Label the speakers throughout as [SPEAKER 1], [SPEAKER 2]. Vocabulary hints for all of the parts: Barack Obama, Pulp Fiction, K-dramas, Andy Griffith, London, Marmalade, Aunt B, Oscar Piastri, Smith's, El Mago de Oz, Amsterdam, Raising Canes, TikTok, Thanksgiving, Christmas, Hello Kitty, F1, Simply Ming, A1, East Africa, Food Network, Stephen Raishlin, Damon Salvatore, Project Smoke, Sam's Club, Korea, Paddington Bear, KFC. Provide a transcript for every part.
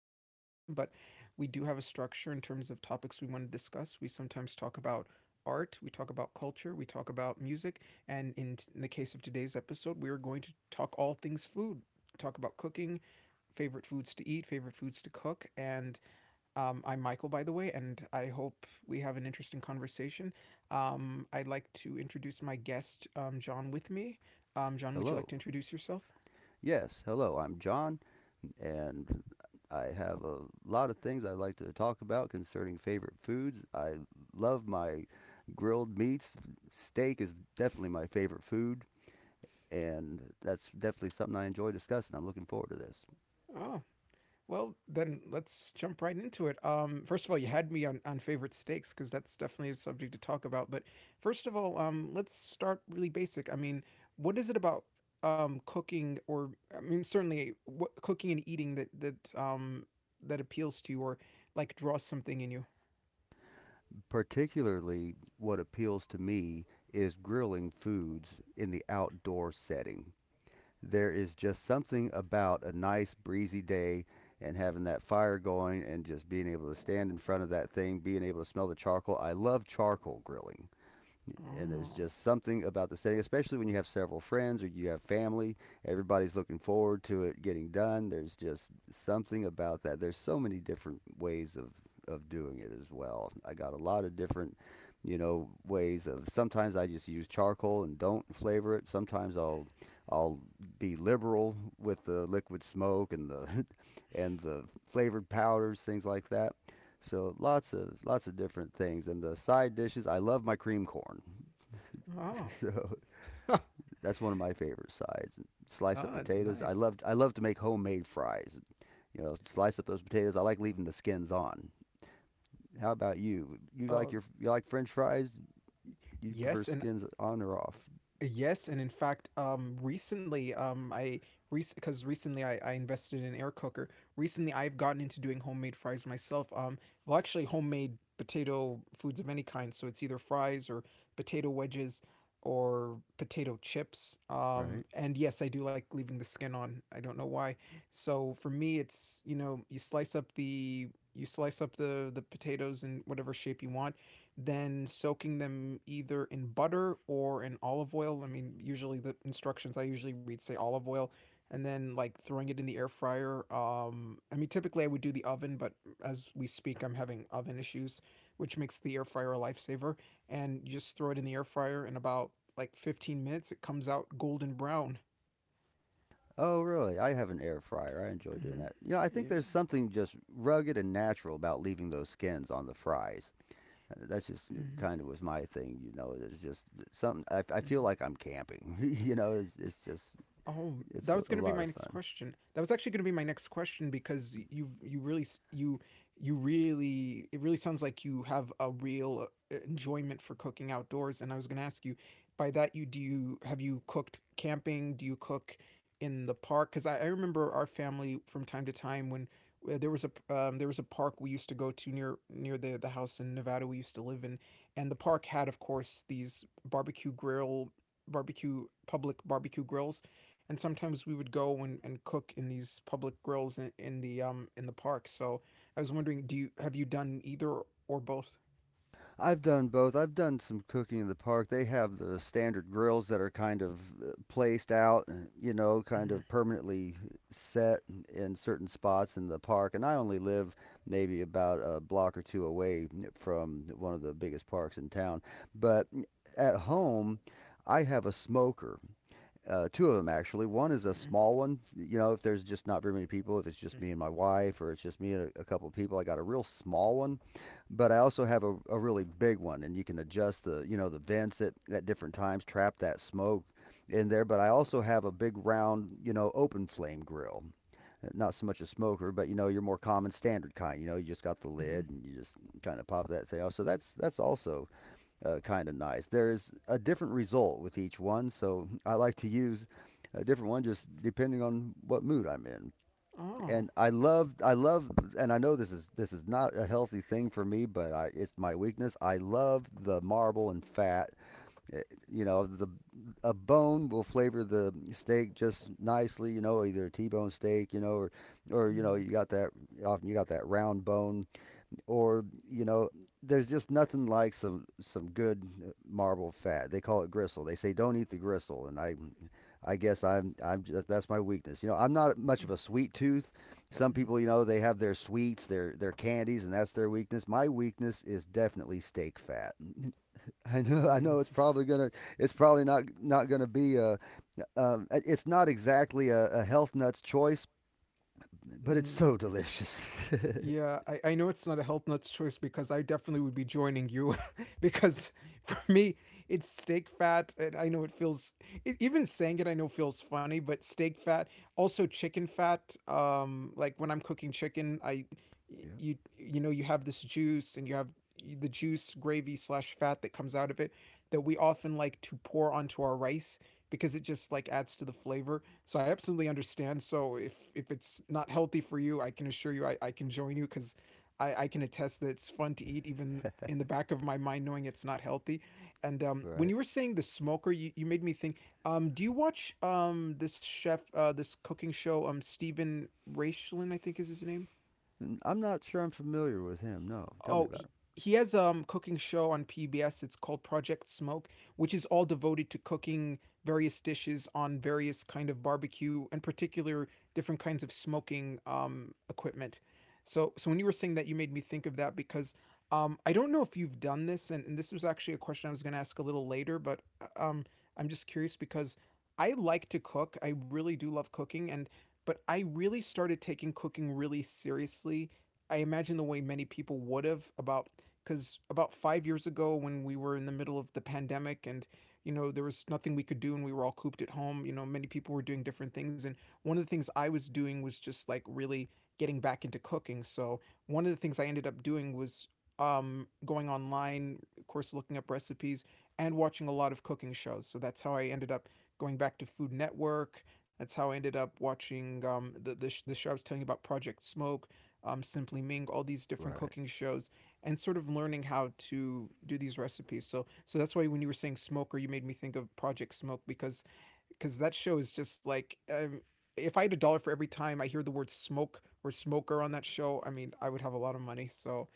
[SPEAKER 1] technically random, but we do have a structure in terms of topics we want to discuss. We sometimes talk about art, we talk about culture, we talk about music, and in the case of today's episode, we are going to talk all things food, talk about cooking, favorite foods to eat, favorite foods to cook, and I'm Michael, by the way, and I hope we have an interesting conversation. I'd like to introduce my guest, John, with me. John, would
[SPEAKER 2] Hello.
[SPEAKER 1] you like to introduce yourself?
[SPEAKER 2] Yes, hello. I'm John, and I have a lot of things I'd like to talk about concerning favorite foods. I love my grilled meats. Steak is definitely my favorite food, and that's definitely something I enjoy discussing. I'm looking forward to this.
[SPEAKER 1] Oh, well, then let's jump right into it. First of all, you had me on favorite steaks because that's definitely a subject to talk about. But first of all, let's start really basic. I mean, what is it about cooking, or I mean, certainly what, cooking and eating that that appeals to you, or like draws something in you?
[SPEAKER 2] Particularly, what appeals to me is grilling foods in the outdoor setting. There is just something about a nice breezy day and having that fire going and just being able to stand in front of that thing, being able to smell the charcoal. I love charcoal grilling, and there's just
[SPEAKER 1] Oh.
[SPEAKER 2] something about the setting, especially when you have several friends or you have family. Everybody's looking forward to it getting done. There's just something about that. There's so many different ways of doing it as well. I got a lot of different, you know, ways of. Sometimes I just use charcoal and don't flavor it. Sometimes I'll be liberal with the liquid smoke and the and the flavored powders, things like that. So lots of different things. And the side dishes, I love my cream corn.
[SPEAKER 1] Oh,
[SPEAKER 2] So that's one of my favorite sides. Slice up
[SPEAKER 1] ah,
[SPEAKER 2] potatoes. I love
[SPEAKER 1] nice.
[SPEAKER 2] I love to make homemade fries. You know, slice up those potatoes. I like leaving the skins on. How about you? You like
[SPEAKER 1] Uh,
[SPEAKER 2] your you like French fries? You prefer
[SPEAKER 1] yes, and
[SPEAKER 2] skins on or off,
[SPEAKER 1] yes, and in fact, recently, I because recently I invested in an air cooker. Recently, I've gotten into doing homemade fries myself. Actually, homemade potato foods of any kind. So it's either fries or potato wedges or potato chips.
[SPEAKER 2] right?
[SPEAKER 1] And yes, I do like leaving the skin on. I don't know why. So for me, it's, you slice up the potatoes in whatever shape you want, then soaking them either in butter or in olive oil. I mean, usually the instructions I usually read say olive oil, and then like throwing it in the air fryer. I mean, typically I would do the oven, but as we speak, I'm having oven issues, which makes the air fryer a lifesaver. And you just throw it in the air fryer and about like 15 minutes, it comes out golden brown.
[SPEAKER 2] Oh, really? I have an air fryer. I enjoy doing
[SPEAKER 1] Mm-hmm.
[SPEAKER 2] that. You know, I think there's
[SPEAKER 1] Yeah.
[SPEAKER 2] something just rugged and natural about leaving those skins on the fries. That's just
[SPEAKER 1] Mm-hmm.
[SPEAKER 2] kind of was my thing, you know. It's just something I feel like I'm
[SPEAKER 1] Mm-hmm.
[SPEAKER 2] camping. You know, it's just
[SPEAKER 1] Oh, that
[SPEAKER 2] it's
[SPEAKER 1] was
[SPEAKER 2] a
[SPEAKER 1] going to be
[SPEAKER 2] lot
[SPEAKER 1] my
[SPEAKER 2] of
[SPEAKER 1] next
[SPEAKER 2] fun.
[SPEAKER 1] question. That was actually going to be my next question because you really s- you really it really sounds like you have a real enjoyment for cooking outdoors, and I was going to ask you by that you do you have you cooked camping? Do you cook in the park? Cuz I remember our family from time to time when there was a there was a park we used to go to near the house in Nevada we used to live in, and the park had of course these barbecue grill barbecue public barbecue grills, and sometimes we would go and cook in these public grills in the park. So I was wondering, do you have you done either or both?
[SPEAKER 2] I've done both. I've done some cooking in the park. They have the standard grills that are kind of placed out, you know, kind
[SPEAKER 1] Mm-hmm,
[SPEAKER 2] of permanently set in certain spots in the park. And I only live maybe about a block or two away from one of the biggest parks in town. But at home, I have a smoker, two of them actually. One is a small one. You know, if there's just not very many people, if it's just me
[SPEAKER 1] mm-hmm,
[SPEAKER 2] and my wife, or it's just me and a couple of people, I got a real small one. But I also have a really big one, and you can adjust the, you know, the vents at different times, trap that smoke in there. But I also have a big round, you know, open flame grill, not so much a smoker, but you know, your more common standard kind. You know, you just got the lid
[SPEAKER 1] mm-hmm.
[SPEAKER 2] and you just kind of pop that and say, oh, so that's also kind of nice. There's a different result with each one, so I like to use a different one just depending on what mood I'm in.
[SPEAKER 1] Oh.
[SPEAKER 2] And I love, and I know this is not a healthy thing for me, but I, it's my weakness. I love the marble and fat. Eh, You know, the a bone will flavor the steak just nicely. You know, either a T-bone steak, you know, or you know,
[SPEAKER 1] Mm-hmm,
[SPEAKER 2] you got that often you got that round bone, or you know there's just nothing like some good marble fat. They call it gristle. They say don't eat the gristle, and I guess I'm just, that's my weakness. You know, I'm not much
[SPEAKER 1] mm-hmm,
[SPEAKER 2] of a sweet tooth. Some people, you know, they have their sweets, their candies, and that's their weakness. My weakness is definitely steak fat. I know,
[SPEAKER 1] mm-hmm,
[SPEAKER 2] I
[SPEAKER 1] mm-hmm.
[SPEAKER 2] know. It's probably gonna, it's probably not gonna be a, it's not exactly a health nut's choice, but it's so
[SPEAKER 1] Mm-hmm.
[SPEAKER 2] delicious.
[SPEAKER 1] Yeah, I know it's not a health nuts choice because I definitely would be joining you because for me it's steak fat, and I know it feels even saying it I know feels funny, but steak fat, also chicken fat. Like when I'm cooking chicken, I
[SPEAKER 2] Yeah.
[SPEAKER 1] you you know you have this juice and you have the juice gravy slash fat that comes out of it, that we often like to pour onto our rice, because it just like adds to the flavor. So I absolutely understand. So if it's not healthy for you, I can assure you I can join you because I can attest that it's fun to eat even in the back of my mind knowing it's not healthy. And
[SPEAKER 2] Right.
[SPEAKER 1] when you were saying the smoker, you made me think, do you watch this chef this cooking show, Stephen Raishlin, I think is his name?
[SPEAKER 2] I'm not sure I'm familiar with him. No, tell me
[SPEAKER 1] Oh, he,
[SPEAKER 2] about
[SPEAKER 1] he has a cooking show on PBS. It's called Project Smoke, which is all devoted to cooking various dishes on various kind of barbecue and particular different kinds of smoking equipment. So when you were saying that, you made me think of that because I don't know if you've done this, and this was actually a question I was going to ask a little later, but I'm just curious because I like to cook. I really do love cooking, and but I really started taking cooking really seriously I imagine the way many people would have about because about 5 years ago, when we were in the middle of the pandemic, and you know there was nothing we could do, and we were all cooped at home. You know, many people were doing different things, and one of the things I was doing was just like really getting back into cooking. So one of the things I ended up doing was going online of course, looking up recipes and watching a lot of cooking shows. So that's how I ended up going back to Food Network. That's how I ended up watching the show I was telling you about, Project Smoke, Simply Ming, all these
[SPEAKER 2] him.
[SPEAKER 1] different
[SPEAKER 2] Right.
[SPEAKER 1] cooking shows, and sort of learning how to do these recipes. So that's why when you were saying Smoker, you made me think of Project Smoke because that show is just like. If I had a dollar for every time I hear the word smoke or smoker on that show, I mean, I would have a lot of money.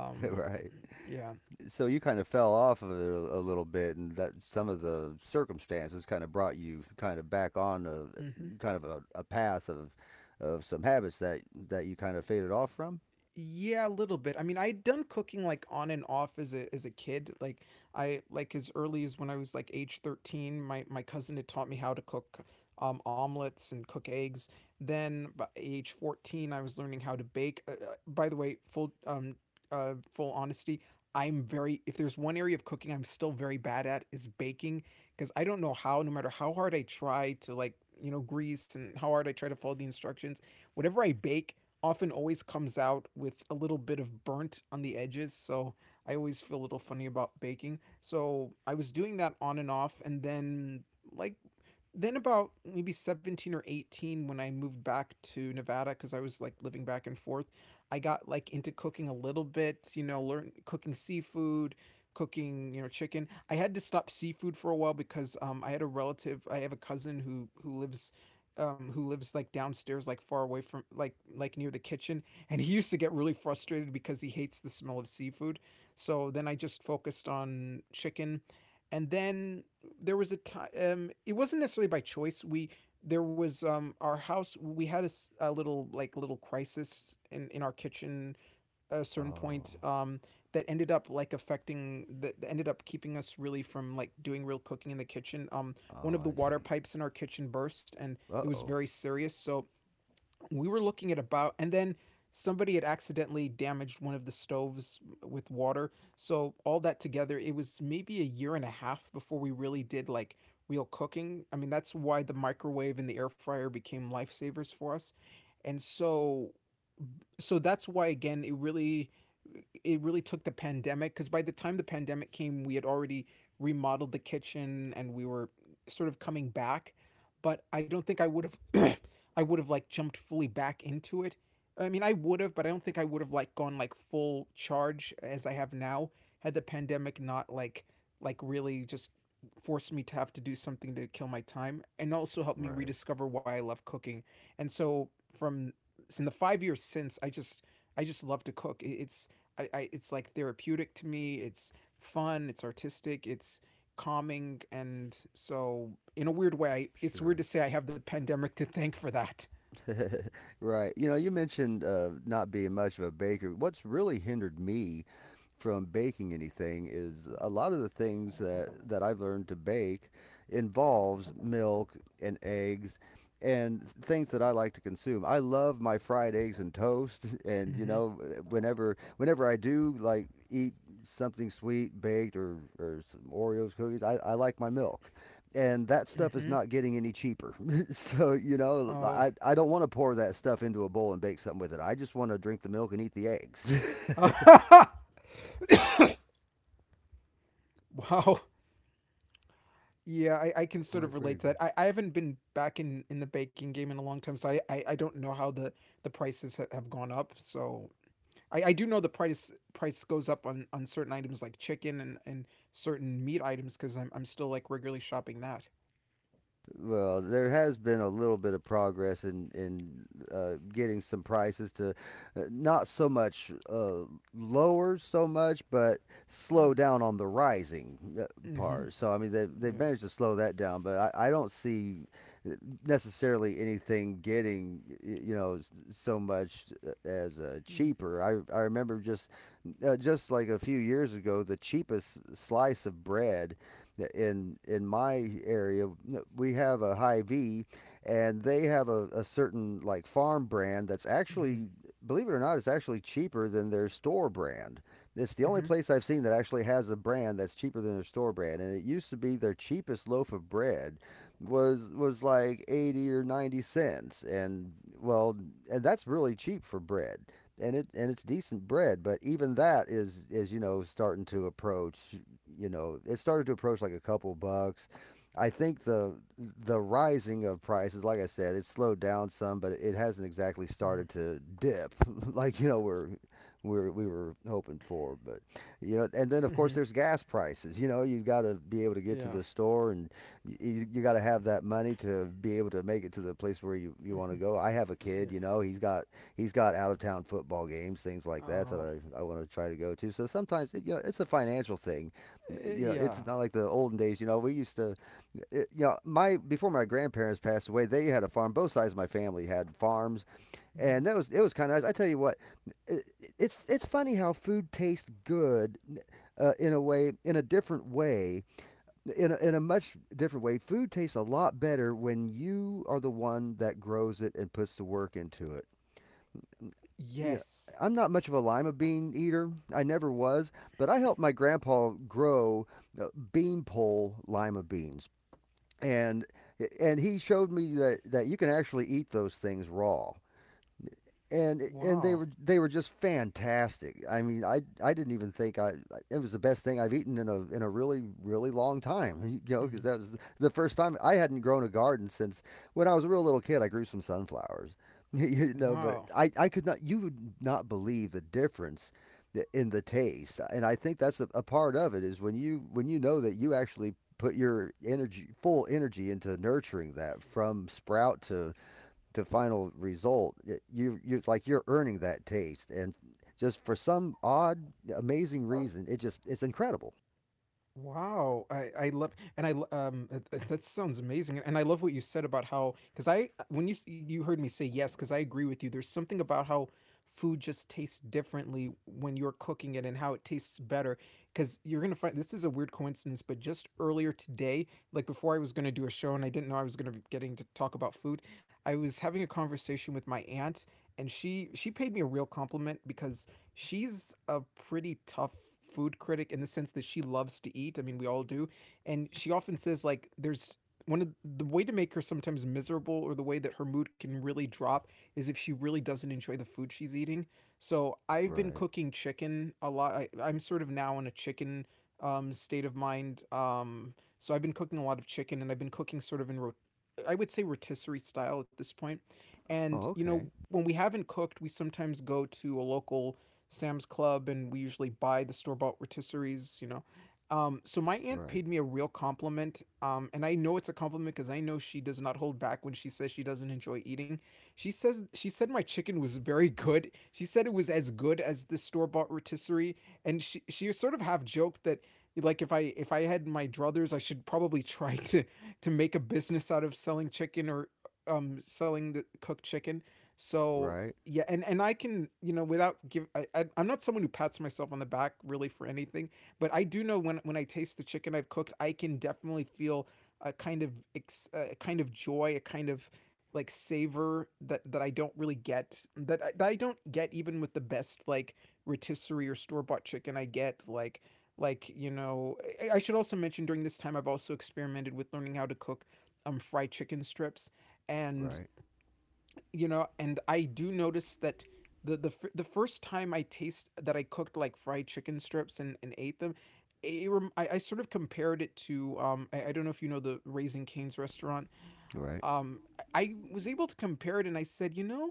[SPEAKER 2] Right.
[SPEAKER 1] yeah.
[SPEAKER 2] So you kind of fell off of it a little bit, and that some of the circumstances kind of brought you kind of back on a
[SPEAKER 1] Mm-hmm.
[SPEAKER 2] kind of a path of some habits that that you kind of faded off from.
[SPEAKER 1] Yeah, a little bit. I mean, I'd done cooking like on and off as a kid. Like I like as early as when I was like age 13, my cousin had taught me how to cook omelets and cook eggs. Then by age 14, I was learning how to bake. By the way, full honesty, I'm very if there's one area of cooking I'm still very bad at is baking, because I don't know how no matter how hard I try to, like, you know, grease, and how hard I try to follow the instructions, whatever I bake often always comes out with a little bit of burnt on the edges. So I always feel a little funny about baking. So I was doing that on and off. And then, like Then about maybe 17 or 18 when I moved back to Nevada because I was like living back and forth, I got like into cooking a little bit, you know, learn cooking seafood, cooking, you know, chicken. I had to stop seafood for a while because I have a cousin who lives who lives like downstairs, like far away from like near the kitchen, and he used to get really frustrated because he hates the smell of seafood. So then I just focused on chicken. And then there was a time. It wasn't necessarily by choice. We there was Our house, we had a little like little crisis in our kitchen at a certain point.
[SPEAKER 2] Oh.
[SPEAKER 1] That ended up like affecting that ended up keeping us really from like doing real cooking in the kitchen. One of the
[SPEAKER 2] Oh, I
[SPEAKER 1] water
[SPEAKER 2] see.
[SPEAKER 1] pipes in our kitchen burst, and it
[SPEAKER 2] Uh
[SPEAKER 1] was
[SPEAKER 2] oh.
[SPEAKER 1] very serious. So we were looking at about, and then somebody had accidentally damaged one of the stoves with water, so all that together it was maybe a year and a half before we really did like real cooking. I mean that's why the microwave and the air fryer became lifesavers for us. And so so that's why again it really took the pandemic, because by the time the pandemic came we had already remodeled the kitchen, and we were sort of coming back, but I don't think I would have I would have like jumped fully back into it. I mean I would have, but I don't think I would have like gone like full charge as I have now, had the pandemic not like really just forced me to have to do something to kill my time, and also helped me
[SPEAKER 2] Right.
[SPEAKER 1] rediscover why I love cooking. And so from in the 5 years since, I just love to cook. It's I it's like therapeutic to me. It's fun. It's artistic. It's calming, and so in a weird way, it's
[SPEAKER 2] Sure.
[SPEAKER 1] weird to say I have the pandemic to thank for that.
[SPEAKER 2] Right. You know, you mentioned, not being much of a baker. What's really hindered me from baking anything is a lot of the things that I've learned to bake involves milk and eggs and things that I like to consume. I love my fried eggs and toast and you
[SPEAKER 1] Mm-hmm.
[SPEAKER 2] know whenever I do like eat something sweet baked or some Oreos cookies, I like my milk, and that stuff is
[SPEAKER 1] Mm-hmm.
[SPEAKER 2] not getting any cheaper. So you know,
[SPEAKER 1] Oh.
[SPEAKER 2] I don't want to pour that stuff into a bowl and bake something with it. I just want to drink the milk and eat the eggs.
[SPEAKER 1] Wow. Yeah, I can sort of
[SPEAKER 2] Quite
[SPEAKER 1] relate to that.
[SPEAKER 2] frankly.
[SPEAKER 1] I haven't been back in the baking game in a long time, so I don't know how the prices have gone up. So I do know the price goes up on certain items like chicken and certain meat items because I'm still like regularly shopping that.
[SPEAKER 2] Well, there has been a little bit of progress in getting some prices to not so much lower so much, but slow down on the rising
[SPEAKER 1] Mm-hmm.
[SPEAKER 2] part. So I mean, they they've
[SPEAKER 1] Yeah.
[SPEAKER 2] managed to slow that down, but I don't see uh, necessarily anything getting you know so much as cheaper. I remember just like a few years ago, the cheapest slice of bread in my area, we have a high v, and they have a certain like farm brand that's
[SPEAKER 1] Mm-hmm.
[SPEAKER 2] actually believe it or not it's actually cheaper than their store brand. It's the
[SPEAKER 1] Mm-hmm.
[SPEAKER 2] only place I've seen that actually has a brand that's cheaper than their store brand, and it used to be their cheapest loaf of bread was like 80 or 90¢. And well, and that's really cheap for bread, and it and it's decent bread, but even that is, you know, starting to approach, you know, it started to approach like a couple bucks. I think the rising of prices, like I said, it slowed down some, but it hasn't exactly started to dip like you know we're we were hoping for. But you know, and then of
[SPEAKER 1] Mm-hmm.
[SPEAKER 2] course there's gas prices. You know, you've got to be able to get
[SPEAKER 1] Yeah.
[SPEAKER 2] to the store, and you got to have that money to be able to make it to the place where you want to go. I have a
[SPEAKER 1] Yeah.
[SPEAKER 2] kid, you know, he's got out of town football games, things like that that
[SPEAKER 1] Oh.
[SPEAKER 2] I want to try to go to. So sometimes it, you know it's a financial thing.
[SPEAKER 1] Eh,
[SPEAKER 2] You know
[SPEAKER 1] yeah.
[SPEAKER 2] it's not like the olden days. You know we used to it, you know my before my grandparents passed away, they had a farm. Both sides of my family had farms,
[SPEAKER 1] Mhm.
[SPEAKER 2] and that was it was kind of nice. I tell you what, it, it's funny how food tastes good, in a way in a different way, in a much different way. Food tastes a lot better when you are the one that grows it and puts the work into it. You know,
[SPEAKER 1] Yes.
[SPEAKER 2] I'm not much of a lima bean eater. I never was, but I helped my grandpa grow uh, beanpole lima beans, and and he showed me that you can actually eat those things raw, and
[SPEAKER 1] Wow.
[SPEAKER 2] they were just fantastic. I mean, I didn't even think I it was the best thing I've eaten in a really really long time. You know,
[SPEAKER 1] Mhm.
[SPEAKER 2] because that was the first time I hadn't grown a garden since when I was a real little kid. I grew some sunflowers, you know, but
[SPEAKER 1] Wow.
[SPEAKER 2] I could not, you would not believe the difference in the taste, and I think that's a part of it is when you know that you actually put your energy full energy into nurturing that from sprout to final result, you it's like you're earning that taste, and just for some odd, amazing reason, it just it's incredible.
[SPEAKER 1] Wow, I love and I lo- th- th- that sounds amazing, and I love what you said about how, because I, when you heard me say yes because I agree with you. There's something about how food just tastes differently when you're cooking it and how it tastes better, because you're gonna find this is a weird coincidence, but just earlier today, like before I was gonna do a show and I didn't know I was gonna be getting to talk about food, I was having a conversation with my aunt, and she paid me a real compliment because she's a pretty tough food critic in the sense that she loves to eat. I mean, we all do. And she often says like there's one of the way to make her sometimes miserable, or the way that her mood can really drop is if she really doesn't enjoy the food she's eating. So I've been
[SPEAKER 2] Right.
[SPEAKER 1] cooking chicken a lot. I, I'm sort of now in a chicken state of mind. So I've been cooking a lot of chicken, and I've been cooking sort of in I would say rotisserie style at this point. And
[SPEAKER 2] Oh,
[SPEAKER 1] you know,
[SPEAKER 2] okay.
[SPEAKER 1] when we haven't cooked, we sometimes go to a local Sam's Club, and we usually buy the store bought rotisseries, you know. So my aunt
[SPEAKER 2] Right.
[SPEAKER 1] paid me a real compliment, and I know it's a compliment because I know she does not hold back when she says she doesn't enjoy eating. She said my chicken was very good. She said it was as good as the store bought rotisserie, and she sort of half joked that like if I, if I had my druthers, I should probably try to make a business out of selling chicken, or selling the cooked chicken. So
[SPEAKER 2] Right.
[SPEAKER 1] yeah, and I can, you know, without give I I'm not someone who pats myself on the back really for anything, but I do know when I taste the chicken I've cooked I can definitely feel a a kind of joy, a kind of like savor that that I don't really get, that I don't get even with the best like rotisserie or store bought chicken. I get like, you know, I should also mention during this time I've also experimented with learning how to cook fried chicken strips. And
[SPEAKER 2] Right.
[SPEAKER 1] you know, and I do notice that the the first time I taste that I cooked like fried chicken strips and ate them, I sort of compared it to, I don't know if you know the Raising Canes restaurant.
[SPEAKER 2] Right.
[SPEAKER 1] um I was able to compare it, and I said, you know,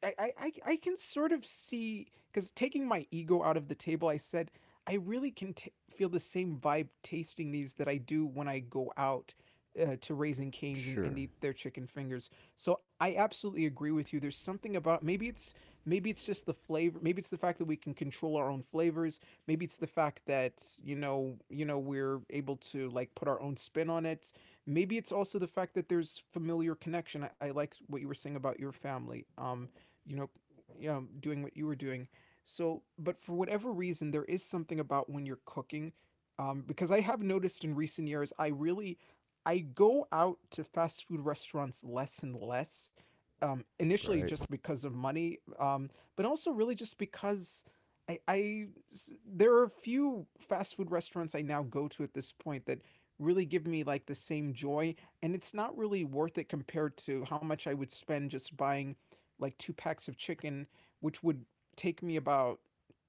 [SPEAKER 1] I can sort of see, because taking my ego out of the table, I said I really can feel the same vibe tasting these that I do when I go out to Raising Canes and
[SPEAKER 2] Sure.
[SPEAKER 1] eat their chicken fingers. So I absolutely agree with you. There's something about, maybe it's just the flavor. Maybe it's the fact that we can control our own flavors. Maybe it's the fact that you know, you know, we're able to like put our own spin on it. Maybe it's also the fact that there's familiar connection. I like what you were saying about your family. You know, doing what you were doing. So, but for whatever reason, there is something about when you're cooking, because I have noticed in recent years, I really, I go out to fast food restaurants less and less. Initially,
[SPEAKER 2] Right.
[SPEAKER 1] just because of money, but also really just because I, I there are a few fast food restaurants I now go to at this point that really give me like the same joy, and it's not really worth it compared to how much I would spend just buying like two packs of chicken, which would take me about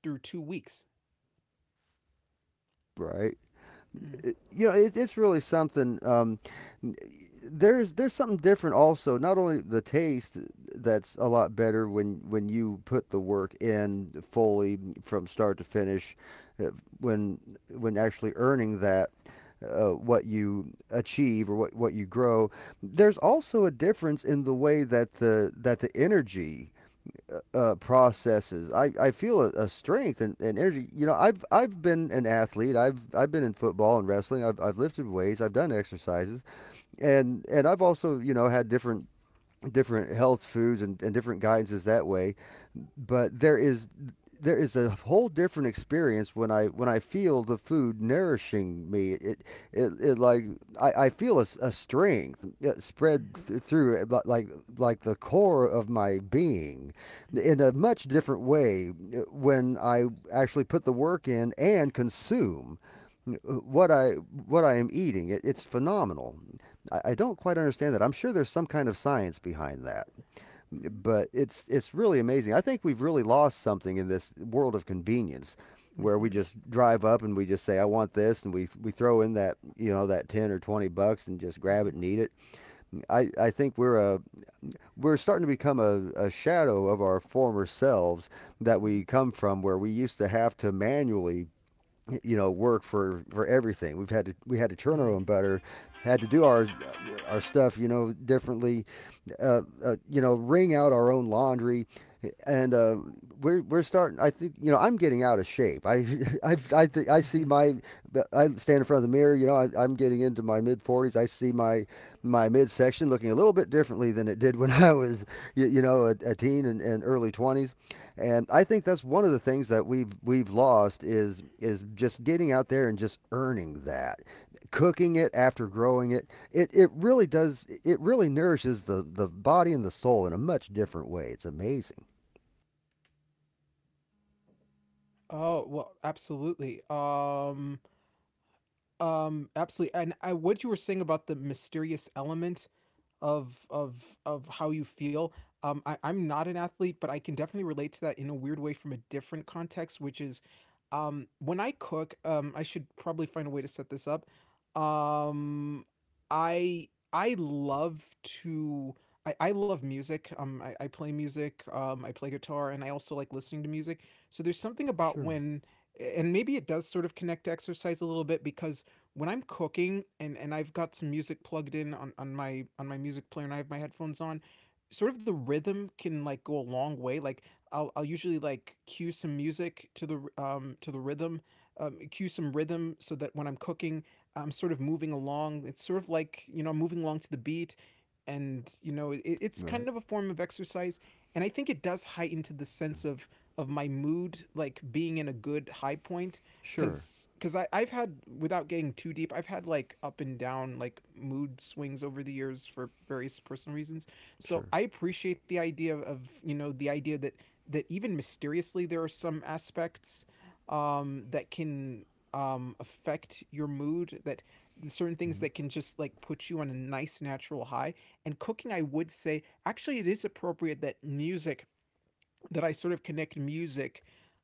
[SPEAKER 1] through 2 weeks.
[SPEAKER 2] Right.
[SPEAKER 1] Mm-hmm.
[SPEAKER 2] You know, it, it's really something. There's something different also. Not only the taste that's a lot better when you put the work in fully from start to finish, uh, when when actually earning that. What you achieve or what you grow, there's also a difference in the way that the energy processes. I feel a strength and energy. You know, I've been an athlete. I've been in football and wrestling. I've lifted weights. I've done exercises, and I've also you know had different different health foods and different guidances that way. But there is a whole different experience when I feel the food nourishing me. It, it like I feel a strength spread through it, like the core of my being, in a much different way when I actually put the work in and consume uh, what I what I am eating. It's phenomenal. I don't quite understand that. I'm sure there's some kind of science behind that,
[SPEAKER 1] Mm-hmm.
[SPEAKER 2] but it's really amazing. I think we've really lost something in this world of convenience, where we
[SPEAKER 1] Mm-hmm.
[SPEAKER 2] just drive up and we just say I want this and we throw in that 10 or 20 bucks and just grab it and eat it. I think we're starting to become a shadow of our former selves, that
[SPEAKER 1] Mm-hmm.
[SPEAKER 2] we come from where we used to have to manually work for everything. We had to churn our own
[SPEAKER 1] Mm-hmm.
[SPEAKER 2] butter, had to do our stuff, you know, differently, you know, wring out our own laundry, and we're starting. I think I'm getting out of shape. I I, think I
[SPEAKER 1] Mm-hmm.
[SPEAKER 2] see my. I stand in front of the mirror. I'm getting into my mid 40s. I see my my midsection looking a little bit differently than it did when I was a teen and, early 20s. And I think that's one of the things that we've lost is just getting out there and just earning that, cooking it after growing it. It really does. It really nourishes the body and the soul in a much different way. It's amazing.
[SPEAKER 1] Oh well, absolutely. Absolutely. And I, what you were saying about the mysterious element of of how you feel. I, I'm not an athlete, but I can definitely relate to that in a weird way from a different context, which is when I cook. I should probably find a way to set this up. Um, I love to. I love music. I play music. I play guitar, and I also like listening to music. So there's something about
[SPEAKER 2] Sure.
[SPEAKER 1] when, and maybe it does sort of connect to exercise a little bit because when I'm cooking, and I've got some music plugged in on my music player, and I have my headphones on, sort of the rhythm can like go a long way. Like I'll usually like cue some music to the rhythm, cue some rhythm so that when I'm cooking, I'm sort of moving along. It's sort of like, you know, I'm moving along to the beat, and you know, it, it's kind of
[SPEAKER 2] Right.
[SPEAKER 1] a form of exercise, and I think it does heighten to the sense of my mood, like being in a good high point
[SPEAKER 2] Sure.
[SPEAKER 1] because I've had, without getting too deep, I've had like up and down like mood swings over the years for various personal reasons. So
[SPEAKER 2] Sure.
[SPEAKER 1] I appreciate the idea of you know the idea that that even mysteriously there are some aspects that can affect your mood, that certain things that
[SPEAKER 2] Mm-hmm.
[SPEAKER 1] can just like put you on a nice natural high. And cooking, I would say actually it is appropriate that music, that I sort of connect music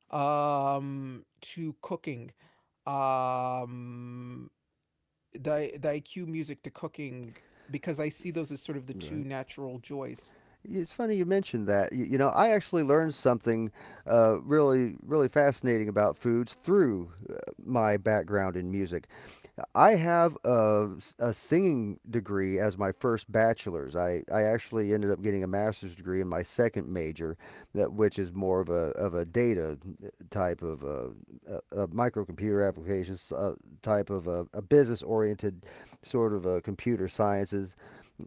[SPEAKER 1] to cooking, um the IQ music to cooking, because I see those as sort of the two
[SPEAKER 2] Right.
[SPEAKER 1] natural joys.
[SPEAKER 2] It's funny you mentioned that. You know, I actually learned something really, really fascinating about foods through my background in music. I have a singing degree as my first bachelor's. I actually ended up getting a master's degree in my second major, that which is more of a data type of a, a microcomputer applications type of a business oriented sort of a computer sciences,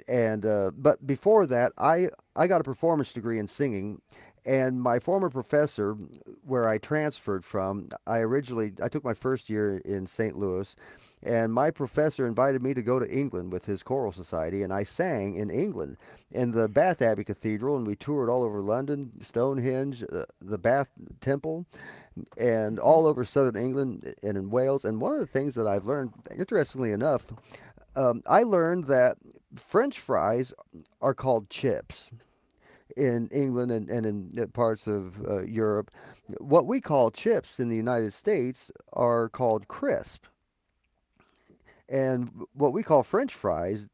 [SPEAKER 2] and but before that, I got a performance degree in singing, and my former professor, where I transferred from, I originally I took my first year in St. Louis, and my professor invited me to go to England with his choral society, and I sang in England in the Bath Abbey Cathedral, and we toured all over London, Stonehenge, the Bath Temple, and
[SPEAKER 1] Hmm.
[SPEAKER 2] all over southern England and in Wales. And one of the things that I've learned, interestingly enough, I learned that French fries are called chips in England and in parts of Europe. What we call chips in the United States are called crisp. And what we call French fries,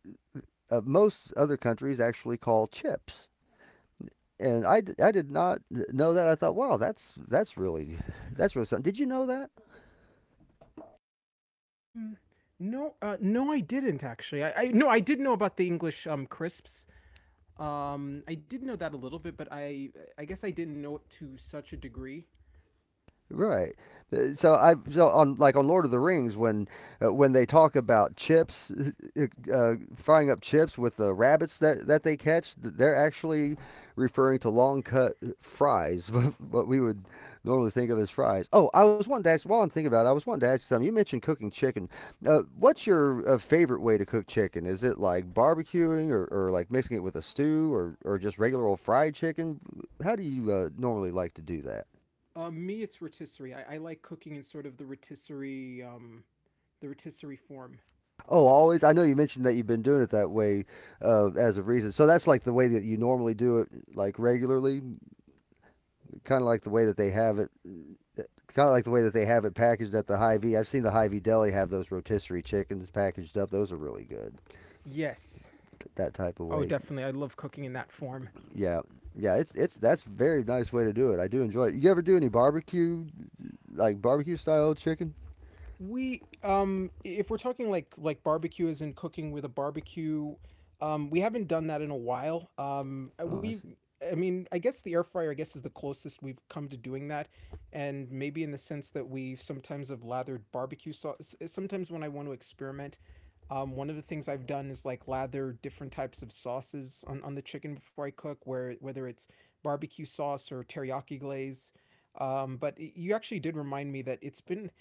[SPEAKER 2] most other countries actually call chips. And I did not know that. I thought, wow, that's really that's really something. Did you know that?
[SPEAKER 1] Um, no, no, I didn't actually. I no, I did know about the English crisps. I did know that a little bit, but I guess I didn't know it to such a degree.
[SPEAKER 2] Right. So I so on like on Lord of the Rings when they talk about chips frying up chips with the rabbits that they catch they're actually referring to long cut fries what we would normally think of as fries. Oh, I was wanting to ask while I'm thinking about it, I was wanting to ask you something. You mentioned cooking chicken. What's your favorite way to cook chicken? Is it like barbecuing, or like mixing it with a stew, or just regular old fried chicken? How do you normally like to do that?
[SPEAKER 1] Me, it's rotisserie. I like cooking in sort of the rotisserie form.
[SPEAKER 2] Oh, always. I know you mentioned that you've been doing it that way as of recent. So that's like the way that you normally do it, like regularly, kind of like the way that they have it, kind of like the way that they have it packaged at the Hy-Vee. I've seen the Hy-Vee deli have those rotisserie chickens packaged up. Those are really good.
[SPEAKER 1] Yes.
[SPEAKER 2] That type of
[SPEAKER 1] Oh,
[SPEAKER 2] way.
[SPEAKER 1] definitely. I love cooking in that form.
[SPEAKER 2] Yeah, yeah. It's that's very nice way to do it. I do enjoy it. You ever do any barbecue, like barbecue style chicken?
[SPEAKER 1] We if we're talking like barbecue as in cooking with a barbecue, we haven't done that in a while.
[SPEAKER 2] Oh, I
[SPEAKER 1] We
[SPEAKER 2] see.
[SPEAKER 1] I mean, I guess the air fryer I guess is the closest we've come to doing that, and maybe in the sense that we sometimes have lathered barbecue sauce. Sometimes when I want to experiment, one of the things I've done is like lather different types of sauces on the chicken before I cook, where whether it's barbecue sauce or teriyaki glaze. But you actually did remind me that it's been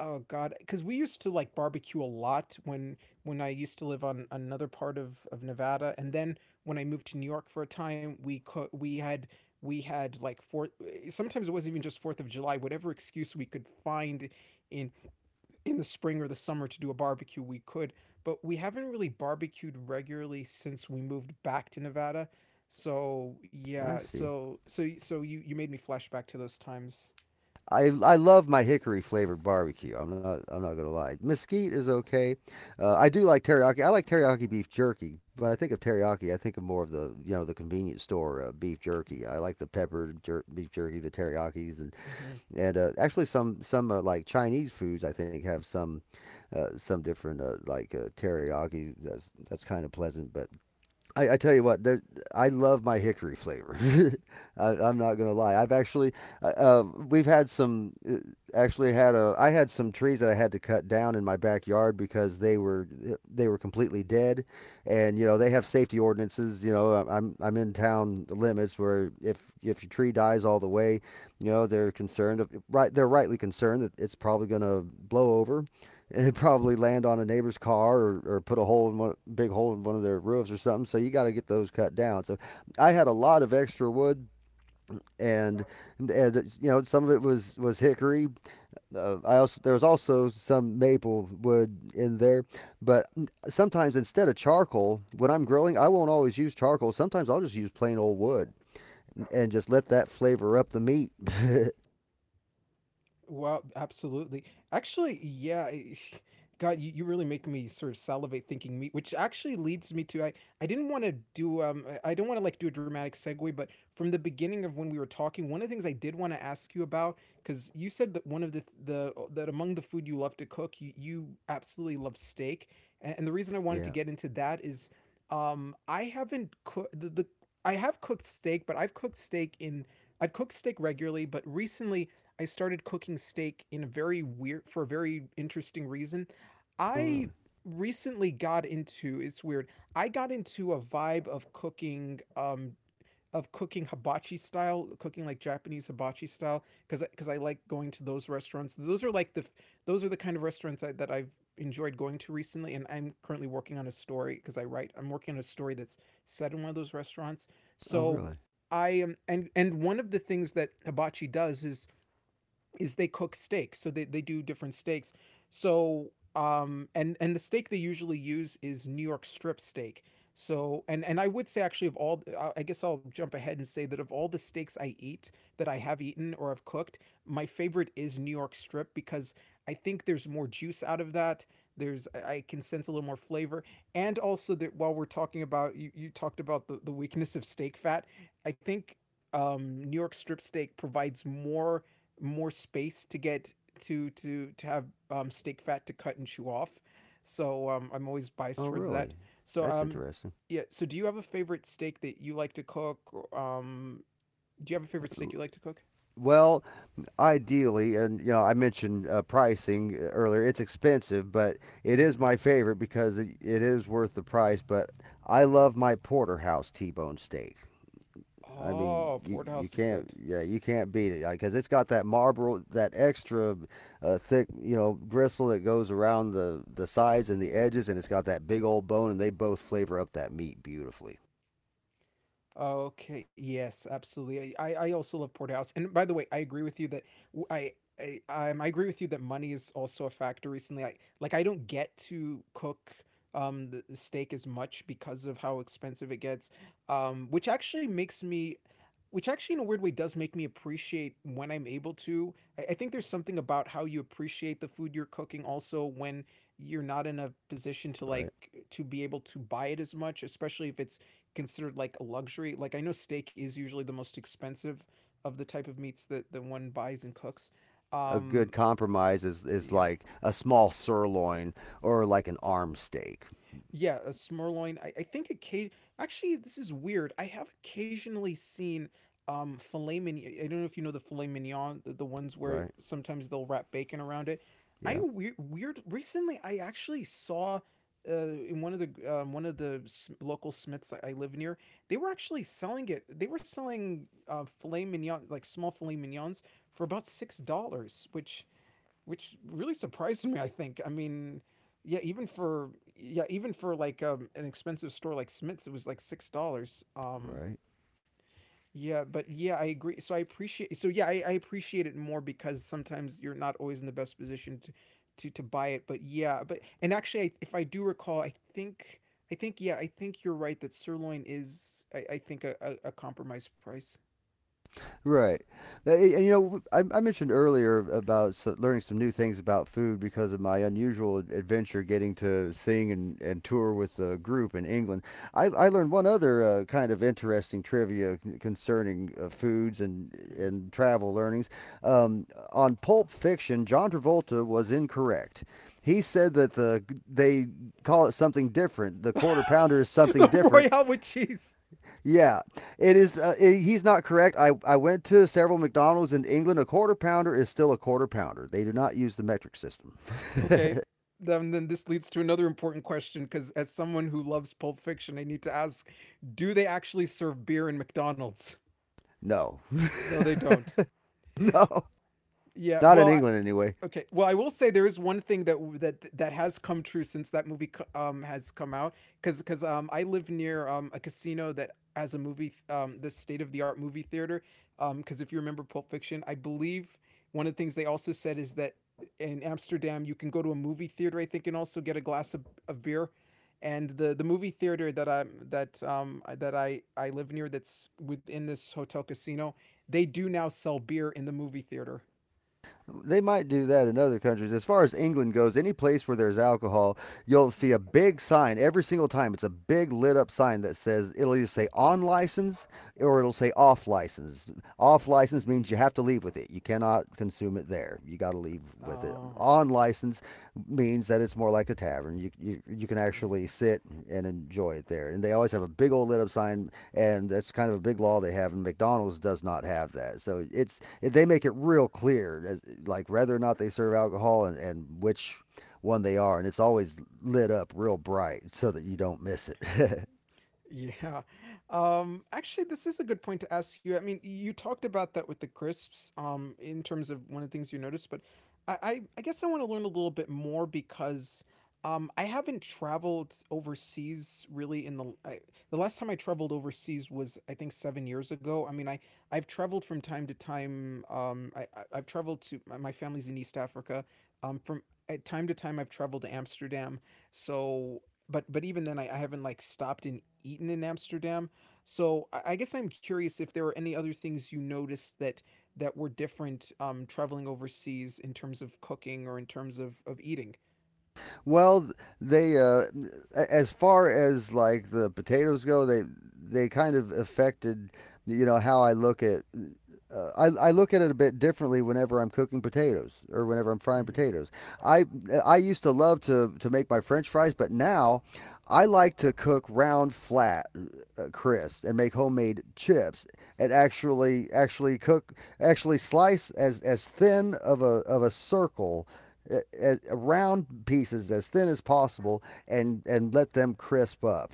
[SPEAKER 1] oh god, because we used to like barbecue a lot when I used to live on another part of Nevada. And then when I moved to New York for a time, we had, we had like fourth, sometimes it wasn't even just Fourth of July, whatever excuse we could find in in the spring or the summer to do a barbecue we could, but we haven't really barbecued regularly since we moved back to Nevada. So
[SPEAKER 2] I
[SPEAKER 1] yeah,
[SPEAKER 2] see.
[SPEAKER 1] so so you you made me flash back to those times.
[SPEAKER 2] I love my hickory flavored barbecue. I'm not gonna lie. Mesquite is okay. I do like teriyaki. I like teriyaki beef jerky, but I think of teriyaki, I think of more of the you know the convenience store beef jerky. I like the peppered beef jerky, the teriyakis, and
[SPEAKER 1] Hmm.
[SPEAKER 2] actually some like Chinese foods I think have some different like teriyaki. That's kind of pleasant, but I tell you what, I love my hickory flavor. I'm not gonna lie. I've actually, we've had some, actually had I had some trees that I had to cut down in my backyard because they were completely dead, and you know they have safety ordinances. You know, I'm in town limits where if your tree dies all the way, you know they're concerned, right? They're rightly concerned that it's probably gonna blow over. It'd probably land on a neighbor's car, or put a hole in one big hole in one of their roofs or something. So you got to get those cut down. So I had a lot of extra wood, and, and you know some of it was hickory. I also there was also some maple wood in there, but sometimes instead of charcoal, when I'm grilling, I won't always use charcoal. Sometimes I'll just use plain old wood and just let that flavor up the meat.
[SPEAKER 1] Well, absolutely. Actually, yeah. I- God, you really make me sort of salivate thinking meat, which actually leads me to, I didn't want to do, I I don't want to like do a dramatic segue, but from the beginning of when we were talking, one of the things I did want to ask you about, because you said that one of the that among the food you love to cook, you absolutely love steak, and the reason I wanted to
[SPEAKER 2] Yeah.
[SPEAKER 1] get into that is, I haven't cooked the I have cooked steak, but I've cooked steak regularly, but recently I started cooking steak in a very weird, for a very interesting reason.
[SPEAKER 2] Oh
[SPEAKER 1] I
[SPEAKER 2] really?
[SPEAKER 1] recently got into, it's weird, I got into a vibe of cooking hibachi style, cooking like Japanese hibachi style because I like going to those restaurants. Those are like the those are the kind of restaurants I, that I've enjoyed going to recently, and I'm currently working on a story because I'm working on a story that's set in one of those restaurants.
[SPEAKER 2] Oh
[SPEAKER 1] So
[SPEAKER 2] really?
[SPEAKER 1] I am, and one of the things that hibachi does is they cook steak. So they do different steaks. So and the steak they usually use is New York strip steak. So and I would say, actually, of all — I guess I'll jump ahead and say that of all the steaks I eat, that I have eaten or have cooked, my favorite is New York strip, because I think there's more juice out of that. There's I can sense a little more flavor. And also, that while we're talking about — you talked about the, weakness of steak fat — I think New York strip steak provides more space to get to have steak fat to cut and chew off. So I'm always biased
[SPEAKER 2] Oh
[SPEAKER 1] towards that.
[SPEAKER 2] really?
[SPEAKER 1] So
[SPEAKER 2] That's interesting.
[SPEAKER 1] yeah. So, do you have a favorite steak that you like to cook? Do you have a favorite steak you like to cook?
[SPEAKER 2] Well, ideally, and you know, I mentioned pricing earlier. It's expensive, but it is
[SPEAKER 1] Mm-hmm.
[SPEAKER 2] my favorite because it is worth the price. But I love my porterhouse T-bone steak. I mean,
[SPEAKER 1] Oh, porterhouse
[SPEAKER 2] you
[SPEAKER 1] is
[SPEAKER 2] can't
[SPEAKER 1] good.
[SPEAKER 2] yeah you can't beat it because it's got that marble, that extra thick you know gristle that goes around the sides and the edges, and it's got that big old bone, and they both flavor up that meat beautifully.
[SPEAKER 1] Okay. Yes, absolutely. I also love porterhouse. And by the way, I agree with you that — w- I. I, I agree with you that money is also a factor recently. I, like, I don't get to cook the steak as much because of how expensive it gets. Um, which actually makes me which actually, in a weird way, does make me appreciate when I'm able to. I think there's something about how you appreciate the food you're cooking also when you're not in a position to, like,
[SPEAKER 2] Right.
[SPEAKER 1] to be able to buy it as much, especially if it's considered like a luxury. Like, I know steak is usually the most expensive of the type of meats that one buys and cooks
[SPEAKER 2] A
[SPEAKER 1] um
[SPEAKER 2] good compromise is
[SPEAKER 1] yeah.
[SPEAKER 2] like a small sirloin or like an arm steak.
[SPEAKER 1] Yeah, a sirloin. I think occasion. Actually, this is weird. I have occasionally seen filet mignon. I don't know if you know the filet mignon, the ones where
[SPEAKER 2] Right.
[SPEAKER 1] sometimes they'll wrap bacon around it. I
[SPEAKER 2] Yeah.
[SPEAKER 1] weird, weird. Recently, I actually saw in one of the local Smiths I live near. They were actually selling it. They were selling filet mignon, like small filet mignons, for about $6, which really surprised me. I think. I mean, yeah, even for like an expensive store like Smith's, it was like $6.
[SPEAKER 2] Right.
[SPEAKER 1] Yeah, but yeah, I agree. So I appreciate. So yeah, I appreciate it more because sometimes you're not always in the best position to to buy it. But yeah, but and actually, if I do recall, I think — I think you're right that sirloin is, I think, a compromise price.
[SPEAKER 2] Right. And, you know, I mentioned earlier about so learning some new things about food because of my unusual adventure getting to sing and tour with a group in England. I learned one other kind of interesting trivia concerning foods and
[SPEAKER 1] Mm.
[SPEAKER 2] travel learnings. Um, on Pulp Fiction, John Travolta was incorrect. He said that they call it something different. The quarter pounder is something
[SPEAKER 1] The
[SPEAKER 2] different.
[SPEAKER 1] Royale with cheese.
[SPEAKER 2] Yeah, it is. I He's not correct. I went to several McDonald's in England. A quarter pounder is still a quarter pounder. They do not use the metric system.
[SPEAKER 1] Okay. Then this leads to another important question, because, as someone who loves Pulp Fiction, I need to ask: do they actually serve beer in McDonald's?
[SPEAKER 2] No.
[SPEAKER 1] No, they don't.
[SPEAKER 2] No.
[SPEAKER 1] Yeah.
[SPEAKER 2] Not in
[SPEAKER 1] Well,
[SPEAKER 2] England, anyway.
[SPEAKER 1] okay. Well, I will say there is one thing that has come true since that movie has come out, because I live near a casino that has the state of the art movie theater, because if you remember Pulp Fiction, I believe one of the things they also said is that in Amsterdam you can go to a movie theater, I think, and also get a glass of beer. And the movie theater that I live near, that's within this hotel casino, they do now sell beer in the movie theater.
[SPEAKER 2] They might do that in other countries. As far as England goes, any place where there's alcohol, you'll see a big sign every single time. It's a big lit up sign that says it'll either say on license, or it'll say off license. Off license means you have to leave with it. You cannot consume it there. You got to leave with it.
[SPEAKER 1] Oh,
[SPEAKER 2] On license means that it's more like a tavern. You you can actually sit and enjoy it there. And they always have a big old lit up sign, and that's kind of a big law they have. And McDonald's does not have that, so it's they make it real clear, as, like whether or not they serve alcohol, and which one they are, and it's always lit up real bright so that you don't miss it.
[SPEAKER 1] yeah. Actually, this is a good point to ask you. I mean, you talked about that with the crisps, in terms of one of the things you noticed, but I guess I want to learn a little bit more, because I haven't traveled overseas really the last time I traveled overseas was, I think, 7 years ago. I mean, I've traveled from time to time. I've traveled to — my family's in East Africa. From At time to time I've traveled to Amsterdam. So but even then I haven't, like, stopped and eaten in Amsterdam, so I guess I'm curious if there are any other things you noticed that were different traveling overseas in terms of cooking or in terms of eating.
[SPEAKER 2] Well, they as far as like the potatoes go, they kind of affected you know how I look at. I look at it a bit differently whenever I'm cooking potatoes or whenever I'm frying
[SPEAKER 1] Mm-hmm.
[SPEAKER 2] potatoes. I I used to love to make my French fries, but now I like to cook round, flat, crisp, and make homemade chips. And actually slice as thin of a circle uh, round pieces as thin as possible and let them crisp up.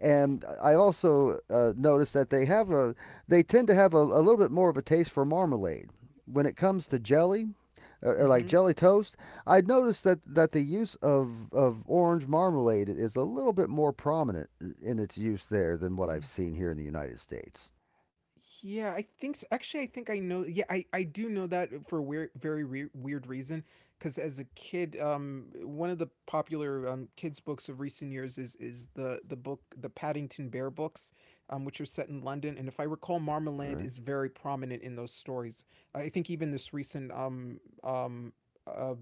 [SPEAKER 2] And I also noticed that they tend to have a little bit more of a taste for marmalade when it comes to jelly, like
[SPEAKER 1] Mm-hmm.
[SPEAKER 2] jelly toast. I noticed that the use of orange marmalade is a little bit more prominent in its use there than what I've seen here in the United States.
[SPEAKER 1] Yeah, I think so. Actually, I think I know. Yeah, I do know that for a weird, very weird reason. Because, as a kid, one of the popular kids books of recent years is the book, the Paddington Bear books, which are set in London. And if I recall,
[SPEAKER 2] All
[SPEAKER 1] marmalade
[SPEAKER 2] right.
[SPEAKER 1] is very prominent in those stories. I think even this recent uh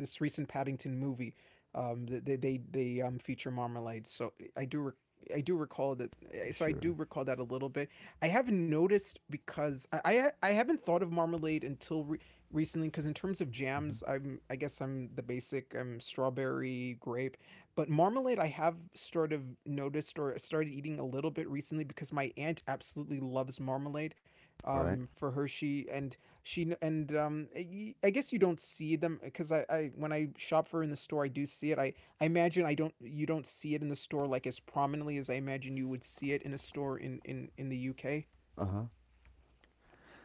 [SPEAKER 1] Paddington movie, th- they feature marmalade. So I do. I do recall that, eh, so I
[SPEAKER 2] Sure.
[SPEAKER 1] do recall that a little bit. I have not noticed because I haven't thought of marmalade until recently, because in terms of jams,
[SPEAKER 2] Mm-hmm.
[SPEAKER 1] I guess I'm the basic — I'm strawberry grape, but marmalade I have sort of noticed or started eating a little bit recently because my aunt absolutely loves marmalade.
[SPEAKER 2] All right.
[SPEAKER 1] For her, she and she kn- and y- I guess you don't see them, because I when I shop for her in the store, I do see it. I imagine I don't you don't see it in the store, like, as prominently as I imagine you would see it in a store in the UK.
[SPEAKER 2] Uh-huh.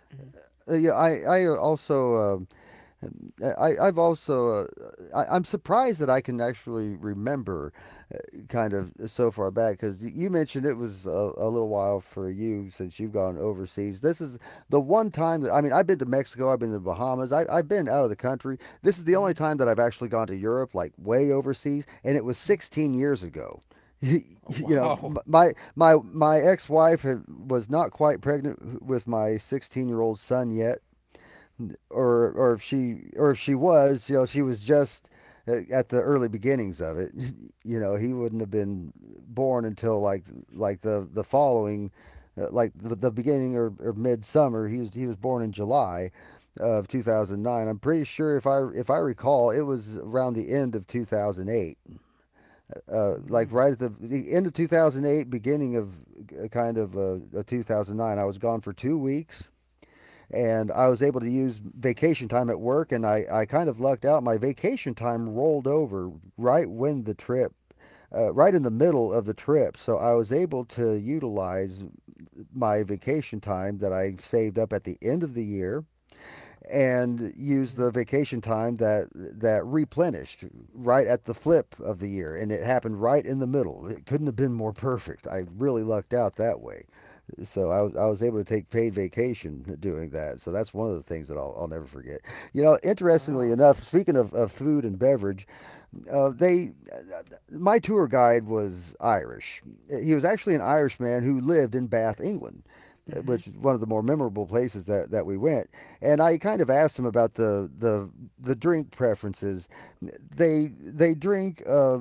[SPEAKER 1] Mm-hmm.
[SPEAKER 2] Yeah, I also I've also, I'm surprised that I can actually remember uh, kind of so far back, because you mentioned it was a little while for you since you've gone overseas. This is the one time that, I mean, I've been to Mexico, I've been to the Bahamas, I've been out of the country. This is the
[SPEAKER 1] Mm-hmm.
[SPEAKER 2] only time that I've actually gone to Europe, like way overseas, and it was 16 years ago.
[SPEAKER 1] Oh,
[SPEAKER 2] You know,
[SPEAKER 1] wow.
[SPEAKER 2] my ex-wife was not quite pregnant with my 16-year-old son yet, or if she was, you know, she was just at the early beginnings of it. You know, he wouldn't have been born until like the following, like the beginning or mid summer. He was born in July of 2009. I'm pretty sure, if I recall, it was around the end of 2008, like
[SPEAKER 1] Mm-hmm.
[SPEAKER 2] right at the end of 2008, beginning of, uh, kind of uh, 2009. I was gone for 2 weeks, and I was able to use vacation time at work, and I kind of lucked out. My vacation time rolled over right when the trip, right in the middle of the trip. So I was able to utilize my vacation time that I saved up at the end of the year, and use
[SPEAKER 1] Mm-hmm.
[SPEAKER 2] the vacation time that replenished right at the flip of the year, and it happened right in the middle. It couldn't have been more perfect. I really lucked out that way. So I was able to take paid vacation doing that, so that's one of the things that I'll never forget. You know, interestingly
[SPEAKER 1] Wow.
[SPEAKER 2] enough, speaking of food and beverage, they my tour guide was Irish. He was actually an Irishman who lived in Bath, England,
[SPEAKER 1] Mm-hmm.
[SPEAKER 2] which is one of the more memorable places that, we went. And I kind of asked him about the drink preferences. They drink,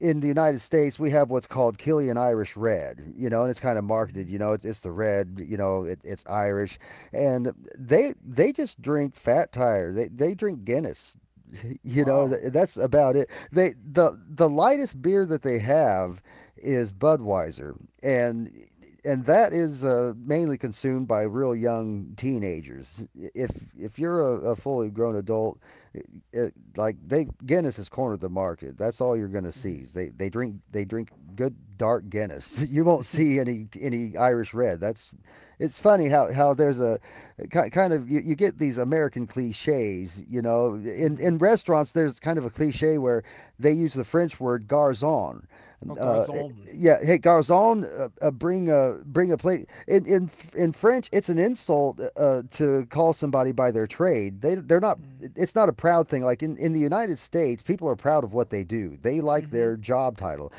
[SPEAKER 2] in the United States, we have what's called Killian Irish Red, you know, and it's kind of marketed,
[SPEAKER 1] Mm-hmm.
[SPEAKER 2] you know, it's the red, you know, it's Irish, and they just drink Fat Tire, they drink Guinness. You know,
[SPEAKER 1] Wow.
[SPEAKER 2] that's about it. The the lightest beer that they have is Budweiser, and that is mainly consumed by real young teenagers. If you're a fully grown adult, it, like they Guinness has cornered the market. That's all you're gonna
[SPEAKER 1] Mm-hmm.
[SPEAKER 2] see. They drink good dark Guinness. You won't see
[SPEAKER 1] Mm-hmm.
[SPEAKER 2] any Irish red. That's It's funny how there's a, kind of, you get these American cliches. You know,
[SPEAKER 1] Mm-hmm.
[SPEAKER 2] in restaurants there's kind of a cliche where they use the French word garçon.
[SPEAKER 1] Oh,
[SPEAKER 2] Uh, eh,
[SPEAKER 1] garzon.
[SPEAKER 2] yeah, hey garçon, bring a plate. In French, it's an insult, to call somebody by their trade. They they're not it's not a proud thing. Like in the United States, people are proud of what they do. They like
[SPEAKER 1] Mm-hmm.
[SPEAKER 2] their job title.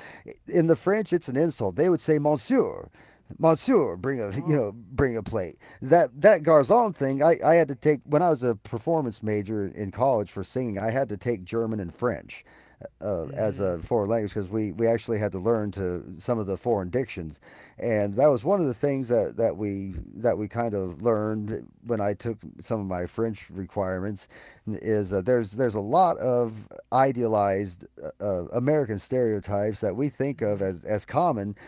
[SPEAKER 2] In the French, it's an insult. They would say Monsieur. Monsieur, bring a, you
[SPEAKER 1] Oh.
[SPEAKER 2] know, bring a plate. That garçon thing, I had to take when I was a performance major in college for singing. I had to take German and French, as
[SPEAKER 1] Mm-hmm.
[SPEAKER 2] a foreign language, because we actually had to learn to some of the foreign dictions, and that was one of the things that, that we kind of learned when I took some of my French requirements, is there's a lot of idealized American stereotypes that we think
[SPEAKER 1] Mm-hmm.
[SPEAKER 2] of as common,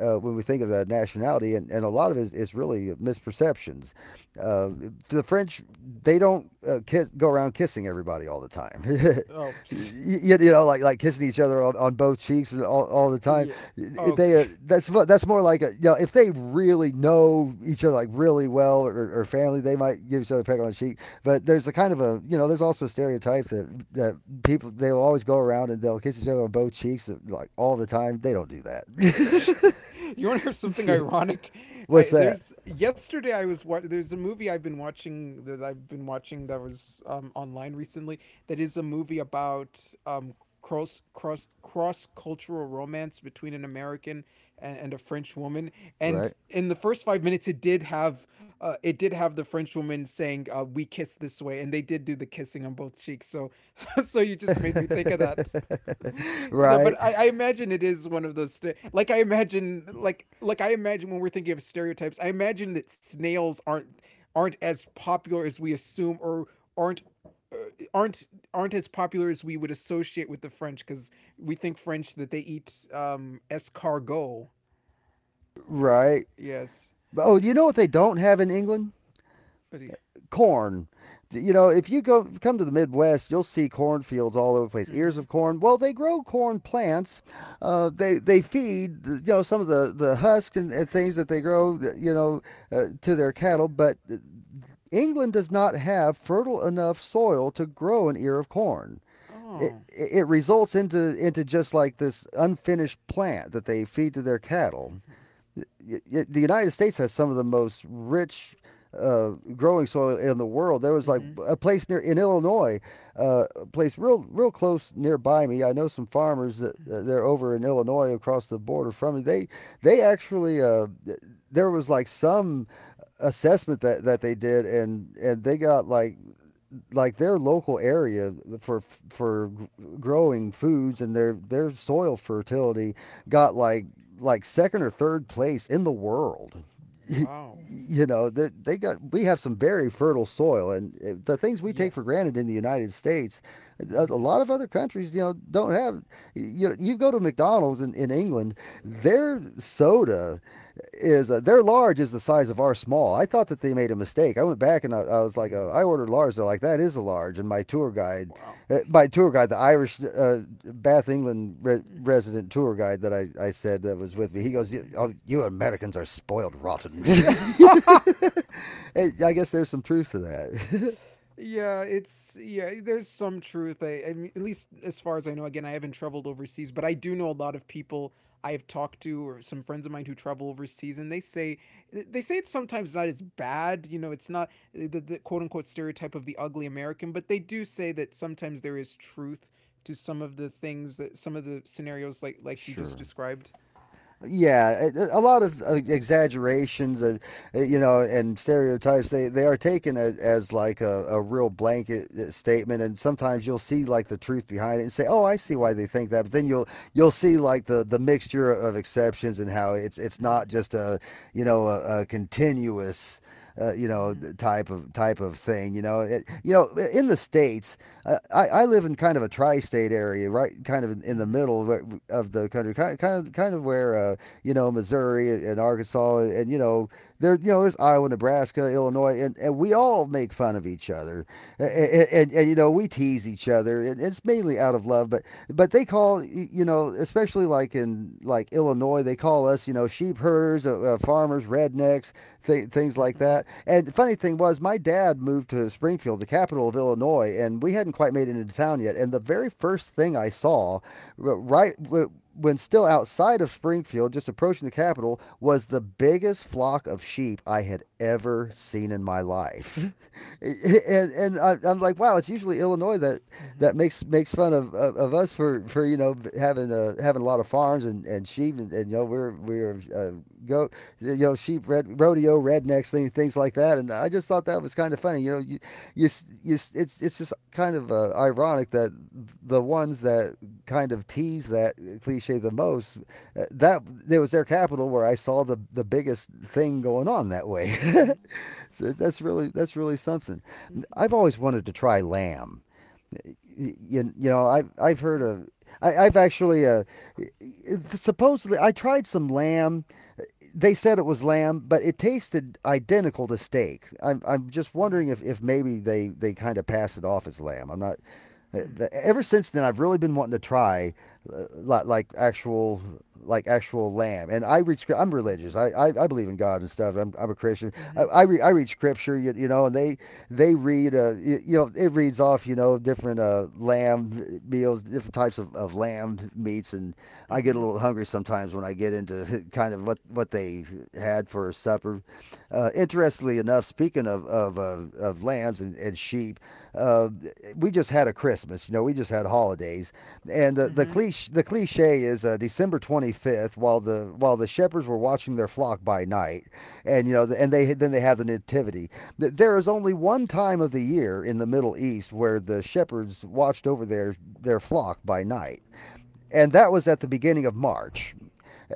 [SPEAKER 2] when we think of that nationality, and, a lot of it is really misperceptions. Uh, the French, they don't, kiss, go around kissing everybody all the time.
[SPEAKER 1] Oh.
[SPEAKER 2] You know, like kissing each other on both cheeks all the time.
[SPEAKER 1] yeah. Oh.
[SPEAKER 2] They, that's more like a, you know, if they really know each other like really well, or family, they might give each other a peck on the cheek. But there's a kind of a, you know, there's also a stereotype that that people, they'll always go around and they'll kiss each other on both cheeks like all the time. They don't do that.
[SPEAKER 1] You want to hear something
[SPEAKER 2] So,
[SPEAKER 1] ironic?
[SPEAKER 2] what's
[SPEAKER 1] I
[SPEAKER 2] that?
[SPEAKER 1] there's yesterday I was wa- there's a movie I've been watching, that was online recently, that is a movie about um, cross cultural romance between an American and a French woman. And
[SPEAKER 2] Right?
[SPEAKER 1] in the first 5 minutes, it did have — the French woman saying, "we kiss this way," and they did do the kissing on both cheeks. So, so you just made me think of that. Yeah,
[SPEAKER 2] Right.
[SPEAKER 1] but I imagine it is one of those like, I imagine, like I imagine, when we're thinking of stereotypes, I imagine that snails aren't as popular as we assume, or aren't uh, aren't aren't as popular as we would associate with the French, because we think French, that they eat escargot.
[SPEAKER 2] Right.
[SPEAKER 1] Yes.
[SPEAKER 2] But, oh, you know what they don't have in England? Corn. You know, if you go come to the Midwest, you'll see cornfields all over the place. Ears
[SPEAKER 1] Mm-hmm.
[SPEAKER 2] of corn. Well, they grow corn plants. They feed, you know, some of the husks and things that they grow, you know, to their cattle. But England does not have fertile enough soil to grow an ear of corn. It
[SPEAKER 1] Oh.
[SPEAKER 2] results into just like this unfinished plant that they feed to their cattle. The United States has some of the most rich, growing soil in the world. There was like
[SPEAKER 1] Mm-hmm.
[SPEAKER 2] a place near in Illinois, a place real close nearby me. I know some farmers that, they're over in Illinois across the border from me. They actually, there was like some assessment that, they did, and they got like their local area for for growing foods, and their soil fertility got like second or third place in the world.
[SPEAKER 1] Wow.
[SPEAKER 2] You know that they got, we have some very fertile soil, and, the things we take for
[SPEAKER 1] Yes.
[SPEAKER 2] granted in the United States, a
[SPEAKER 1] Mm-hmm.
[SPEAKER 2] lot of other countries, you know, don't have. You know, you go to McDonald's in England, their soda is, their large is the size of our small. I thought that they made a mistake. I went back, and I was like, I ordered large. They're like, that is a large. And my tour guide,
[SPEAKER 1] Wow.
[SPEAKER 2] the Irish, Bath England resident tour guide that I said that was with me, he goes, you, oh, you Americans are spoiled rotten. I guess there's some truth to that.
[SPEAKER 1] Yeah, it's yeah. There's some truth. I mean, at least as far as I know. Again, I haven't traveled overseas, but I do know a lot of people I have talked to, or some friends of mine who travel overseas, and they say — it's sometimes not as bad. You know, it's not the, the quote unquote stereotype of the ugly American, but they do say that sometimes there is truth to some of the things, that some of the scenarios like you just
[SPEAKER 2] Sure.
[SPEAKER 1] described.
[SPEAKER 2] Yeah, a lot of exaggerations, you know, and stereotypes. They are taken as like a real blanket statement, and sometimes you'll see like the truth behind it and say, "Oh, I see
[SPEAKER 1] Mm-hmm.
[SPEAKER 2] why they think that." But then you'll see like the mixture of exceptions, and how it's not just a, you know, a, continuous, you know,
[SPEAKER 1] Mm-hmm. Hmm.
[SPEAKER 2] type of thing. You know, you know, in the states, I live in kind of a tri-state area, right, kind of in the
[SPEAKER 1] Hmm.
[SPEAKER 2] middle of the country, kind of, kind of where, you know, Missouri and Arkansas, and, you know, there, you know, there's Iowa, Nebraska, Illinois, and we all make fun of each other, and, and you know, we tease each other, and it's mainly out of love, but they call, you know, you know, especially like in like Illinois, they call us, you know, sheep herders, farmers, rednecks, things like
[SPEAKER 1] Hmm.
[SPEAKER 2] that. And the funny thing was, my dad moved to Springfield, the capital of Illinois, and we hadn't quite made it into town yet. And the very first thing I saw, right, when still outside of Springfield, just approaching the capital, was the biggest flock of sheep I had ever seen in my life. And I'm like, wow, it's usually Illinois that that makes fun of us for, you know, having, having a lot of farms, and sheep, and, you know, we're, go you know, sheep red, rodeo rednecks, things like that. And I just thought that was kind of funny, you know, you you, you it's it's just kind of ironic that the ones that kind of tease that cliche the most, that it was their capital where I saw the biggest thing going on that way.
[SPEAKER 1] Hmm.
[SPEAKER 2] So that's really, something.
[SPEAKER 1] Hmm.
[SPEAKER 2] I've always wanted to try lamb. You know, I've heard of, I've actually, supposedly I tried some lamb, they said it was lamb, but it tasted identical to steak. I'm just
[SPEAKER 1] Oh.
[SPEAKER 2] wondering if maybe they kind of passed it off as lamb. I'm not. uh, Ever since then, I've really been wanting to try, uh, like actual like actual lamb. And I read script. I'm religious.
[SPEAKER 1] Hmm.
[SPEAKER 2] I believe in God and stuff. I'm a Christian.
[SPEAKER 1] Hmm.
[SPEAKER 2] I read scripture. And they read you know, it reads off, you know, different lamb meals, different types of lamb meats, and I get a
[SPEAKER 1] Mm-hmm.
[SPEAKER 2] little hungry sometimes when I get into kind of what they had for supper. Interestingly enough, speaking of lambs and sheep, uh, we just had a Christmas. You know, we just had holidays, and the the
[SPEAKER 1] Mm-hmm.
[SPEAKER 2] cliche the cliche is December 25th, while the shepherds were watching their flock by night, and you know, and they then they have the nativity. There is only one time of the year in the Middle East where the shepherds watched over their flock by night, and that was at the beginning of March.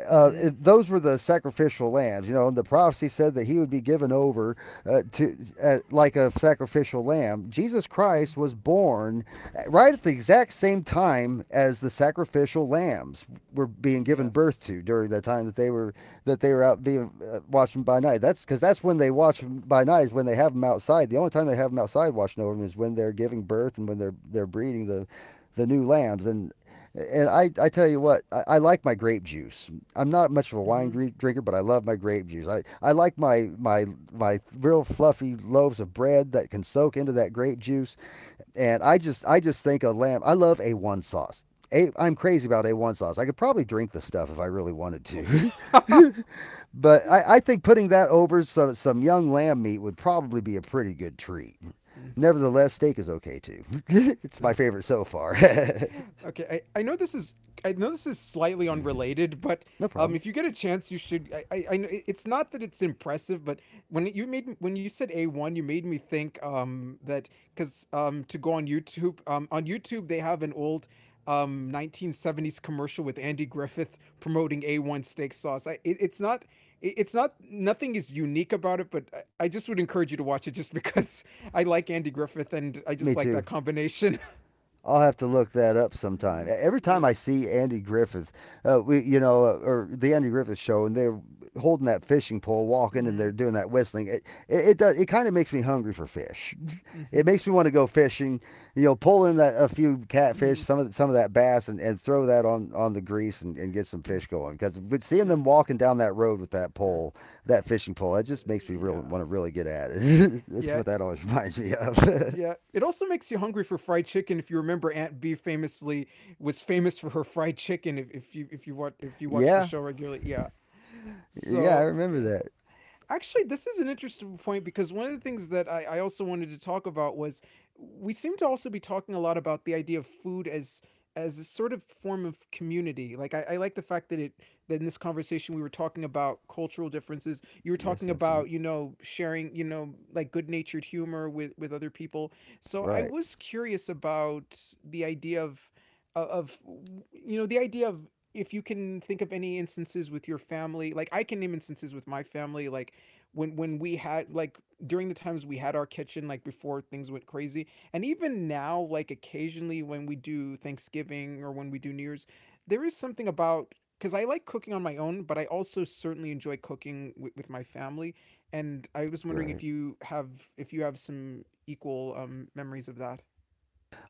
[SPEAKER 2] Uh,
[SPEAKER 1] Mm-hmm.
[SPEAKER 2] those were the sacrificial lambs, you know. And the prophecy said that he would be given over to like a sacrificial lamb. Jesus Christ was born right at the exact same time as the sacrificial lambs were being given
[SPEAKER 1] Yes.
[SPEAKER 2] birth to during the time that they were out being watching by night. That's because that's when they watch them by night, is when they have them outside. The only time they have them outside watching over them is when they're giving birth and when they're breeding the new lambs, and I tell you what, I like my grape juice. I'm not much of a
[SPEAKER 1] Mm-hmm.
[SPEAKER 2] drinker, but I love my grape juice. I like my real fluffy loaves of bread that can soak into that grape juice. And I just think a lamb, I love A1 sauce. I'm crazy about A1 sauce. I could probably drink the stuff if I really wanted
[SPEAKER 1] Oh.
[SPEAKER 2] to. But I think putting that over some young lamb meat would probably be a pretty good treat.
[SPEAKER 1] mm.
[SPEAKER 2] Nevertheless, steak is okay too. It's my
[SPEAKER 1] Um,
[SPEAKER 2] favorite so far.
[SPEAKER 1] okay. Okay, I know this is slightly unrelated, but
[SPEAKER 2] No problem.
[SPEAKER 1] if you get a chance, you should. I know it's not that it's impressive, but when you said "A one," you made me think that, because to go on YouTube they have an old 1970s commercial with Andy Griffith promoting A one steak sauce. It's not. It's not, nothing is unique about it, but I just would encourage you to watch it, just because, I like Andy Griffith and I just
[SPEAKER 2] Me
[SPEAKER 1] like that
[SPEAKER 2] too.
[SPEAKER 1] combination.
[SPEAKER 2] I'll have to look that up sometime. Every
[SPEAKER 1] yeah.
[SPEAKER 2] time I see Andy Griffith, you know, or the Andy Griffith show, and they're holding that fishing pole, walking, and they're
[SPEAKER 1] Hmm.
[SPEAKER 2] doing that whistling. It does. It kind of makes me hungry for fish.
[SPEAKER 1] Mm-hmm.
[SPEAKER 2] It makes me want to go fishing. You know, pull in a few catfish,
[SPEAKER 1] Mm-hmm.
[SPEAKER 2] some of that bass, and throw that on the grease and get some
[SPEAKER 1] Mm.
[SPEAKER 2] fish going. Because but seeing
[SPEAKER 1] Yeah.
[SPEAKER 2] them walking down that road with that
[SPEAKER 1] Yeah.
[SPEAKER 2] pole, that fishing pole, that just makes me really
[SPEAKER 1] Yeah.
[SPEAKER 2] want to really get at it. That's
[SPEAKER 1] Yeah.
[SPEAKER 2] what that always reminds me of.
[SPEAKER 1] Yeah. It also makes you hungry for fried chicken. If you remember, Aunt B famously was famous for her fried chicken. If you watch the
[SPEAKER 2] Yeah.
[SPEAKER 1] show regularly, yeah.
[SPEAKER 2] Yeah, I
[SPEAKER 1] So
[SPEAKER 2] remember
[SPEAKER 1] yeah.
[SPEAKER 2] that.
[SPEAKER 1] Actually, this is an interesting point because one of the things that I also wanted to talk about was, we seem to also be talking a lot about the idea of food as a sort of form of community. Like, I like the fact that in this conversation we were talking about cultural differences. You were
[SPEAKER 2] Yes,
[SPEAKER 1] talking about, sharing, like, good natured humor with other people. So I
[SPEAKER 2] right,
[SPEAKER 1] was curious about the idea of of of, the idea of if you can think of any instances with your family, like I can name instances with my family, like when we had like during the times we had our kitchen, like before things went crazy, and even now, like occasionally when we do Thanksgiving or when we do New Year's. There is something about, because I like cooking on my own, but I also certainly enjoy cooking wi with my family, and I was wondering
[SPEAKER 2] right.
[SPEAKER 1] if you have some equal memories of that.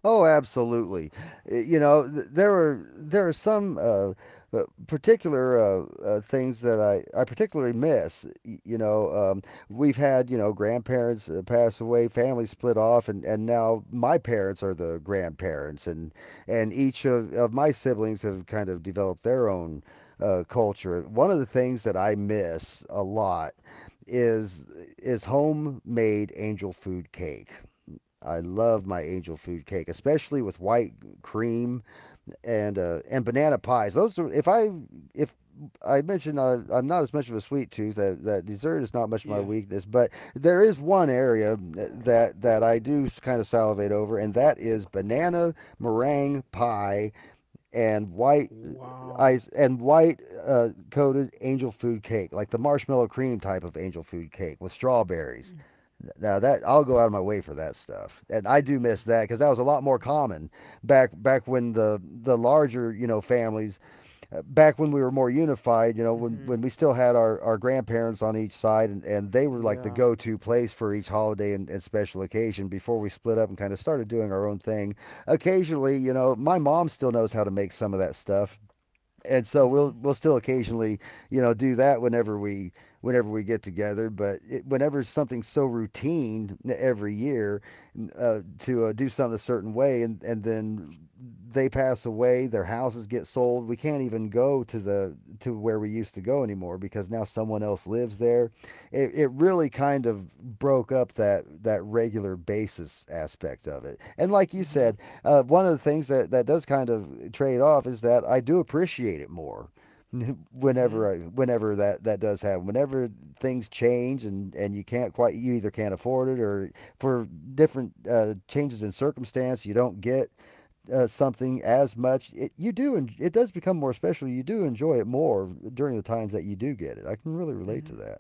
[SPEAKER 2] Oh, absolutely. You know, there are some particular things that I particularly miss. You know, we've had, you know, grandparents pass away, family split off, and now my parents are the grandparents, and each of my siblings have kind of developed their own culture. One of the things that I miss a lot is homemade angel food cake. I love my angel food cake, especially with white cream and banana pies. Those are if I mentioned I'm not as much of a sweet tooth, that dessert is not much of my
[SPEAKER 1] Yeah.
[SPEAKER 2] weakness, but there is one area that I do kind of salivate over, and that is banana meringue pie and white ice
[SPEAKER 1] Wow.
[SPEAKER 2] and white coated angel food cake, like the marshmallow cream type of angel food cake with strawberries. Now that I'll go out of my way for that stuff, and I do miss that because that was a lot more common back when the larger, you know, families, back when we were more unified. You know, when
[SPEAKER 1] Mm-hmm.
[SPEAKER 2] we still had our grandparents on each side, and they were like the
[SPEAKER 1] Yeah.
[SPEAKER 2] go to place for each holiday and special occasion. Before we split up and kind of started doing our own thing, occasionally, you know, my mom still knows how to make some of that stuff, and so
[SPEAKER 1] Mm-hmm.
[SPEAKER 2] we'll still occasionally, you know, do that whenever we get together. But whenever something's so routine every year, to do something a certain way, and then they pass away, their houses get sold, we can't even go to the to where we used to go anymore because now someone else lives there. It really kind of broke up that regular basis aspect of it. And like you
[SPEAKER 1] Mm-hmm.
[SPEAKER 2] said, one of the things that, that does kind of trade off is that I do appreciate it more
[SPEAKER 1] Mm-hmm.
[SPEAKER 2] whenever whenever that does happen, whenever things change, and you can't quite, you either can't afford it or for different changes in circumstance you don't get something as much. You do, and it does become more special, you do enjoy it more during the times that you do get it. I can really relate to
[SPEAKER 1] Mm-hmm.
[SPEAKER 2] that.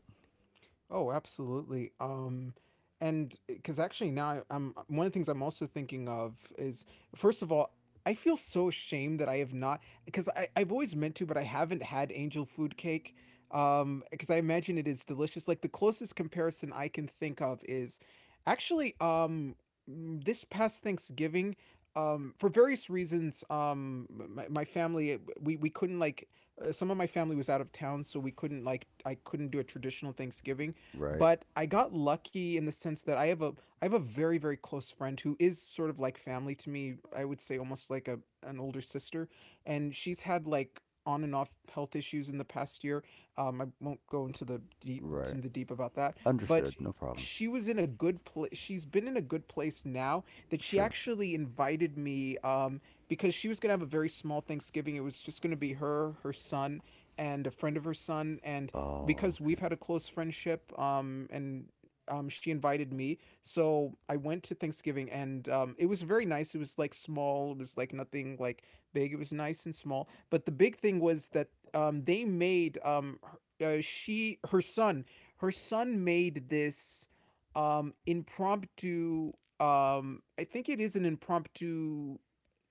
[SPEAKER 1] Oh, absolutely. And because actually now I'm one of the things I'm also thinking of is first of all, I feel so ashamed that I have not, because I've always meant to, but I haven't had angel food cake. Because I imagine it is delicious. Like the closest comparison I can think of is actually um this past Thanksgiving. For various reasons, my family we couldn't like some of my family was out of town, so we couldn't like I couldn't do a traditional Thanksgiving,
[SPEAKER 2] Right,
[SPEAKER 1] but I got lucky in the sense that I have a very very close friend who is sort of like family to me. I would say almost like a an older sister, and she's had like on and off health issues in the past year. I won't go into
[SPEAKER 2] right,
[SPEAKER 1] the deep about that, but
[SPEAKER 2] understood, no problem.
[SPEAKER 1] she was in a good place. She's been in a good place now, that she
[SPEAKER 2] Sure.
[SPEAKER 1] actually invited me, because she was gonna have a very small Thanksgiving. It was just gonna be her, her son, and a friend of her son. And
[SPEAKER 2] Oh,
[SPEAKER 1] because we've
[SPEAKER 2] okay.
[SPEAKER 1] had a close friendship, and she invited me. So I went to Thanksgiving, and it was very nice. It was like small, it was like nothing like big. It was nice and small. But the big thing was that they made her, uh, she her son her son made this impromptu. I think it is an impromptu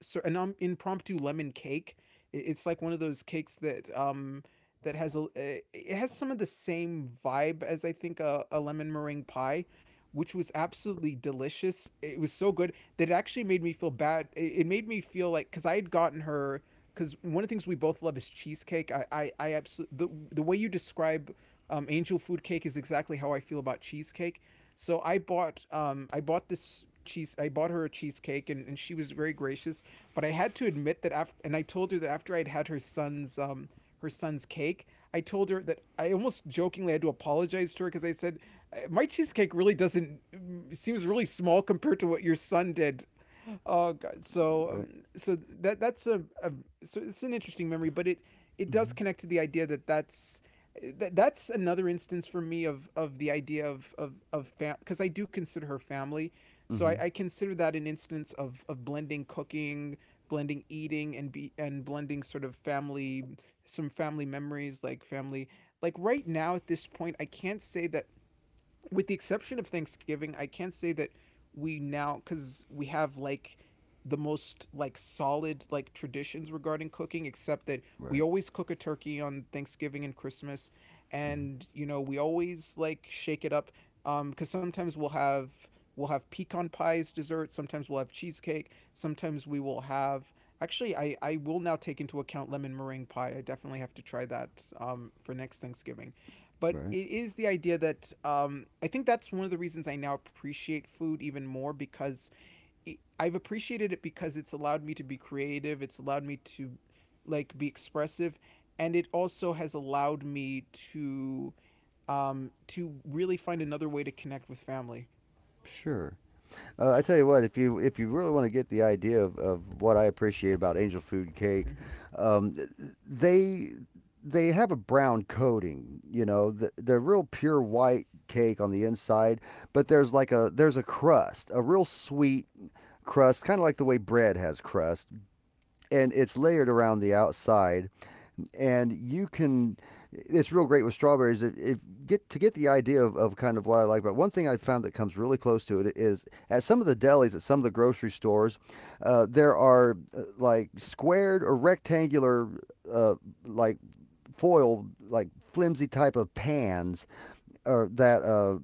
[SPEAKER 1] so an impromptu lemon cake. It's like one of those cakes that that has a it has some of the same vibe as I think a lemon meringue pie, which was absolutely delicious. It was so good that it actually made me feel bad. It made me feel like, because I had gotten her, because one of the things we both love is cheesecake. I absolutely, the way you describe angel food cake is exactly how I feel about cheesecake. So I bought this cheese I bought her a cheesecake, and she was very gracious, but I had to admit that after, and I told her that after I'd had her son's cake, I told her that I almost jokingly had to apologize to her because I said, My cheesecake really doesn't mm, seems really small compared to what your son did. Oh god." So
[SPEAKER 2] Right,
[SPEAKER 1] so that that's a so it's an interesting memory, but it does connect to the idea that that's another instance for me of the idea of fam, because I do consider her family. So
[SPEAKER 2] mm-hmm
[SPEAKER 1] I consider that an instance of blending cooking, blending eating, and blending sort of family, some family memories like family. Like right now at this point, I can't say that, with the exception of Thanksgiving, I can't say that we now, because we have like the most like solid like traditions regarding cooking, except that we
[SPEAKER 2] right.
[SPEAKER 1] always cook a turkey on Thanksgiving and Christmas,
[SPEAKER 2] Mm-hmm.
[SPEAKER 1] and you know we always like shake it up, cuz sometimes we'll have pecan pie as dessert, sometimes we'll have cheesecake, sometimes we will have, actually I will now take into account lemon meringue pie. I definitely have to try that for next Thanksgiving. But
[SPEAKER 2] Right.
[SPEAKER 1] it is the idea that I think that's one of the reasons I now appreciate food even more, because I've appreciated it because it's allowed me to be creative. It's allowed me to like be expressive, and it also has allowed me to to really find another way to connect with family.
[SPEAKER 2] Sure. I tell you what, if you really want to get the idea of what I appreciate about angel food cake,
[SPEAKER 1] Mm-hmm.
[SPEAKER 2] um, th- they have a brown coating. You know, they're real pure white cake on the inside, but there's like a there's a crust, a real sweet crust, kind of like the way bread has crust, and it's layered around the outside, and you can, it's real great with strawberries. It get to get the idea of kind of what I like. But one thing I found that comes really close to it is at some of the delis at some of the grocery stores, there are, like squared or rectangular, uh, like foil, like flimsy type of pans, or that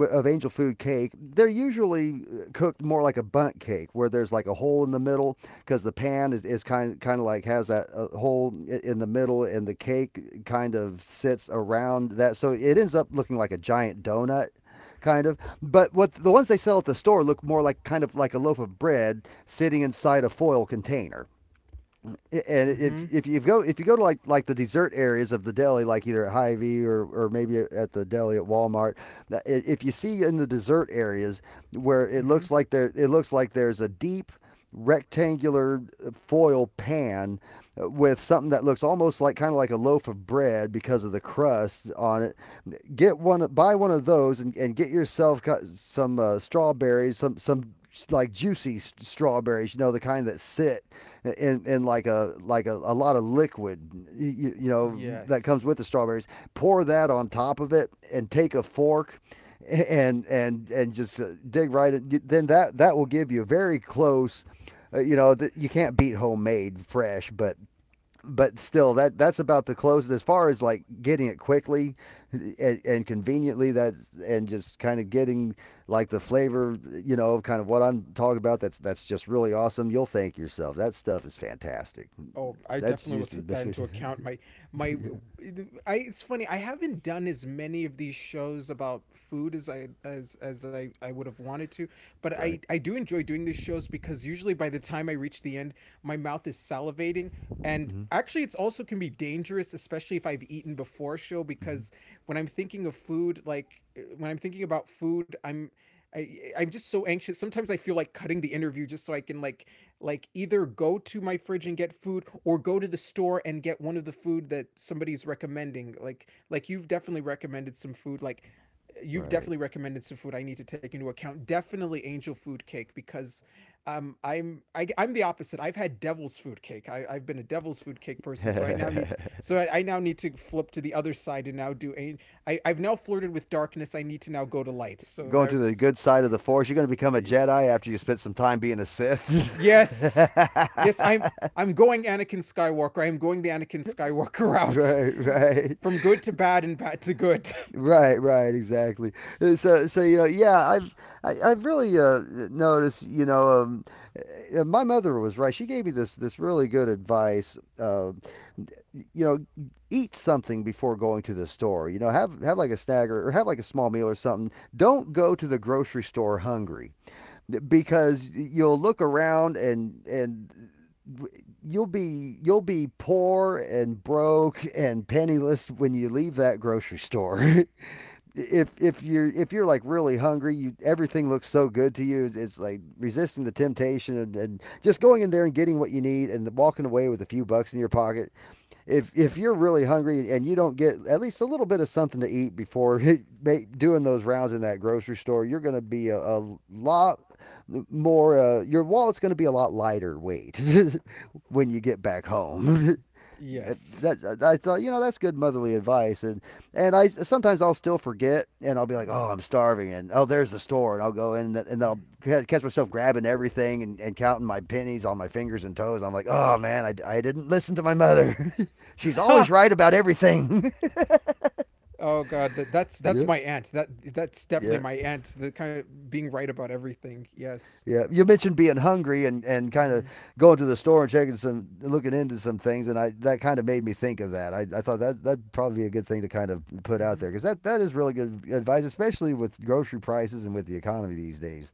[SPEAKER 2] of angel food cake. They're usually cooked more like a bundt cake, where there's like a hole in the middle, because the pan is kind of like has that hole in the middle, and the cake kind of sits around that, so it ends up looking like a giant donut. Kind of, but what the ones they sell at the store look more like kind of like a loaf of bread sitting inside a foil container. And
[SPEAKER 1] Mm-hmm.
[SPEAKER 2] if you go to like the dessert areas of the deli, like either at Hy-Vee or maybe at the deli at Walmart, if you see in the dessert areas where it
[SPEAKER 1] Mm-hmm.
[SPEAKER 2] looks like there it looks like there's a deep rectangular foil pan with something that looks almost like kind of like a loaf of bread because of the crust on it, get one, buy one of those, and get yourself some strawberries, some like juicy strawberries, you know, the kind that sit in like a a lot of liquid, you know, that comes
[SPEAKER 1] Yes.
[SPEAKER 2] with the strawberries. Pour that on top of it and take a fork and just dig right in. Then that will give you a very close. You know, that you can't beat homemade fresh, but still, that that's about the closest as far as like getting it quickly and conveniently. That and just kind of getting like the flavor, you know, kind of what I'm talking about. That's just really awesome. You'll thank yourself. That stuff is fantastic.
[SPEAKER 1] Oh, I
[SPEAKER 2] That's
[SPEAKER 1] definitely will
[SPEAKER 2] usually
[SPEAKER 1] take
[SPEAKER 2] the
[SPEAKER 1] that
[SPEAKER 2] best way
[SPEAKER 1] into
[SPEAKER 2] to,
[SPEAKER 1] account. My I it's funny. I haven't done as many of these shows about food as I would have wanted to, but
[SPEAKER 2] right?
[SPEAKER 1] I do enjoy doing these shows, because usually by the time I reach the end, my mouth is salivating, and
[SPEAKER 2] Mm-hmm.
[SPEAKER 1] actually it's also can be dangerous, especially if I've eaten before a show,
[SPEAKER 2] Mm-hmm.
[SPEAKER 1] because when I'm thinking of food like when I'm thinking about food, I'm just so anxious. Sometimes I feel like cutting the interview just so I can like either go to my fridge and get food, or go to the store and get one of the food that somebody's recommending, like you've definitely recommended some food, like you've definitely
[SPEAKER 2] Right.
[SPEAKER 1] recommended some food I need to take into account, definitely angel food cake. Because I'm the opposite. I've had devil's food cake. I've been a devil's food cake person, so I now need to, so I now need to flip to the other side and now do a, I've now flirted with darkness. I need to now go to light. So
[SPEAKER 2] Going to the
[SPEAKER 1] there's
[SPEAKER 2] good side of the force, you're going to become a Jedi after you spent some time being a Sith.
[SPEAKER 1] Yes. Yes, I'm going Anakin Skywalker. I am going the Anakin Skywalker route.
[SPEAKER 2] Right, right.
[SPEAKER 1] From good to bad and bad to good.
[SPEAKER 2] Right, right, exactly. So, you know, yeah, I've really noticed. You know, my mother was right. She gave me this really good advice. You know, eat something before going to the store. You know, have like a snack, or have like a small meal or something. Don't go to the grocery store hungry, because you'll look around, and you'll be, poor and broke and penniless when you leave that grocery store. If if you're like really hungry, you, everything looks so good to you. It's like resisting the temptation, and just going in there and getting what you need and walking away with a few bucks in your pocket. If you're really hungry and you don't get at least a little bit of something to eat before doing those rounds in that grocery store, you're going to be a lot more. Your wallet's going to be a lot lighter weight when you get back home.
[SPEAKER 1] Yes.
[SPEAKER 2] That I thought, you know, that's good motherly advice. And I sometimes I'll still forget, and I'll be like, oh, I'm starving, and oh, there's the store, and I'll go in, and then I'll catch myself grabbing everything and counting my pennies on my fingers and toes. I'm like, oh man, I didn't listen to my mother. She's always
[SPEAKER 1] Ha!
[SPEAKER 2] right about everything.
[SPEAKER 1] Oh god, that's that's
[SPEAKER 2] Yep.
[SPEAKER 1] my aunt. That's definitely
[SPEAKER 2] Yeah.
[SPEAKER 1] my aunt. The kind of being right about everything. Yes.
[SPEAKER 2] Yeah, you mentioned being hungry and kind of
[SPEAKER 1] Mm-hmm.
[SPEAKER 2] going to the store and checking some, looking into some things, and I that kind of made me think of that. I thought that that'd probably be a good thing to kind of put out
[SPEAKER 1] Mm-hmm.
[SPEAKER 2] there because that is really good advice, especially with grocery prices and with the economy these days.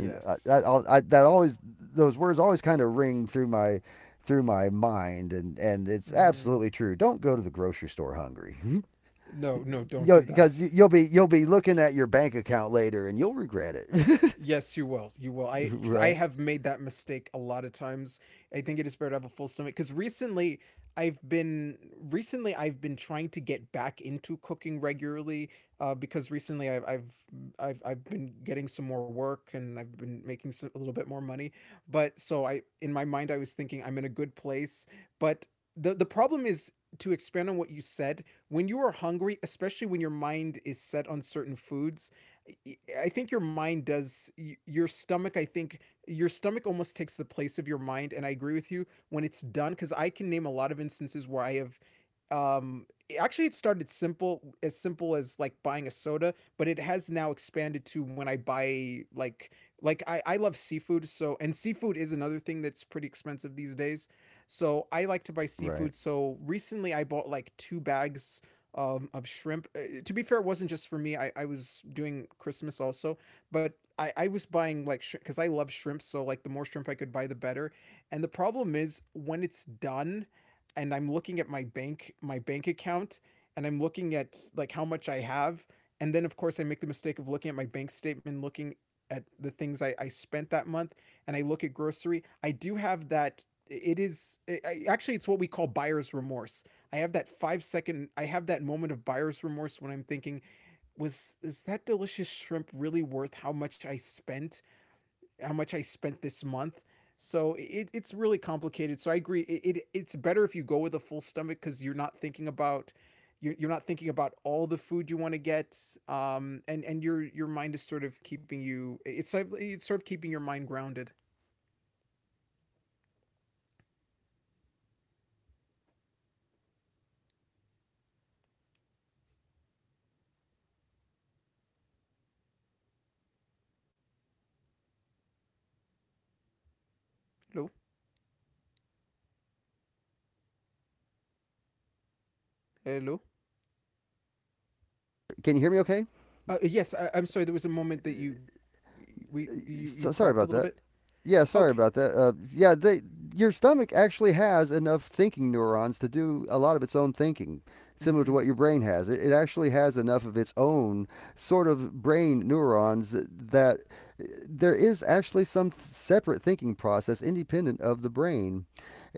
[SPEAKER 2] I, that al- I, that always those words always kind of ring through my mind, and it's
[SPEAKER 1] Mm-hmm.
[SPEAKER 2] absolutely true. Don't go to the grocery store hungry. Mhm.
[SPEAKER 1] No, no, don't
[SPEAKER 2] You
[SPEAKER 1] do
[SPEAKER 2] because
[SPEAKER 1] that.
[SPEAKER 2] you'll be looking at your bank account later and you'll regret it.
[SPEAKER 1] Yes, you will. You will. I, because I
[SPEAKER 2] Right.
[SPEAKER 1] have made that mistake a lot of times. I think it is better to have a full stomach. Because I've been recently I've been trying to get back into cooking regularly. Because recently I've been getting some more work, and I've been making some, a little bit more money. But so I in my mind I was thinking I'm in a good place. But the problem is, to expand on what you said, when you are hungry, especially when your mind is set on certain foods, I think your mind does your stomach. I think your stomach almost takes the place of your mind, and I agree with you when it's done, because I can name a lot of instances where I have. Um, Actually, it started simple as like buying a soda, but it has now expanded to when I buy like I love seafood, so, and seafood is another thing that's pretty expensive these days. So I like to buy
[SPEAKER 2] Right.
[SPEAKER 1] seafood. So recently, I bought like two bags of shrimp. To be fair, it wasn't just for me. I was doing Christmas also, but I was buying like shrimp because I love shrimp, so like the more shrimp I could buy, the better. And the problem is when it's done, and I'm looking at my bank account, and I'm looking at like how much I have, and then of course I make the mistake of looking at my bank statement, looking at the things I spent that month, and I look at grocery. I do have that. It is actually it's what we call buyer's remorse. I have that 5-second, I have that moment of buyer's remorse when I'm thinking, was is that delicious shrimp really worth how much I spent, how much I spent this month? So it's really complicated. So I agree. It it's better if you go with a full stomach, because you're not thinking about you're not thinking about all the food you want to get, and your mind is sort of keeping you it's sort of keeping your mind grounded. Hello. Hello.
[SPEAKER 2] Can you hear me okay?
[SPEAKER 1] Yes, I'm sorry, there was a moment that you we you you
[SPEAKER 2] So, sorry
[SPEAKER 1] cracked a
[SPEAKER 2] about
[SPEAKER 1] little
[SPEAKER 2] that.
[SPEAKER 1] bit.
[SPEAKER 2] Yeah, sorry
[SPEAKER 1] Okay.
[SPEAKER 2] about that. Your stomach actually has enough thinking neurons to do a lot of its own thinking, similar
[SPEAKER 1] Mm-hmm.
[SPEAKER 2] to what your brain has. It actually has enough of its own sort of brain neurons that uh, there is actually some separate thinking process independent of the brain.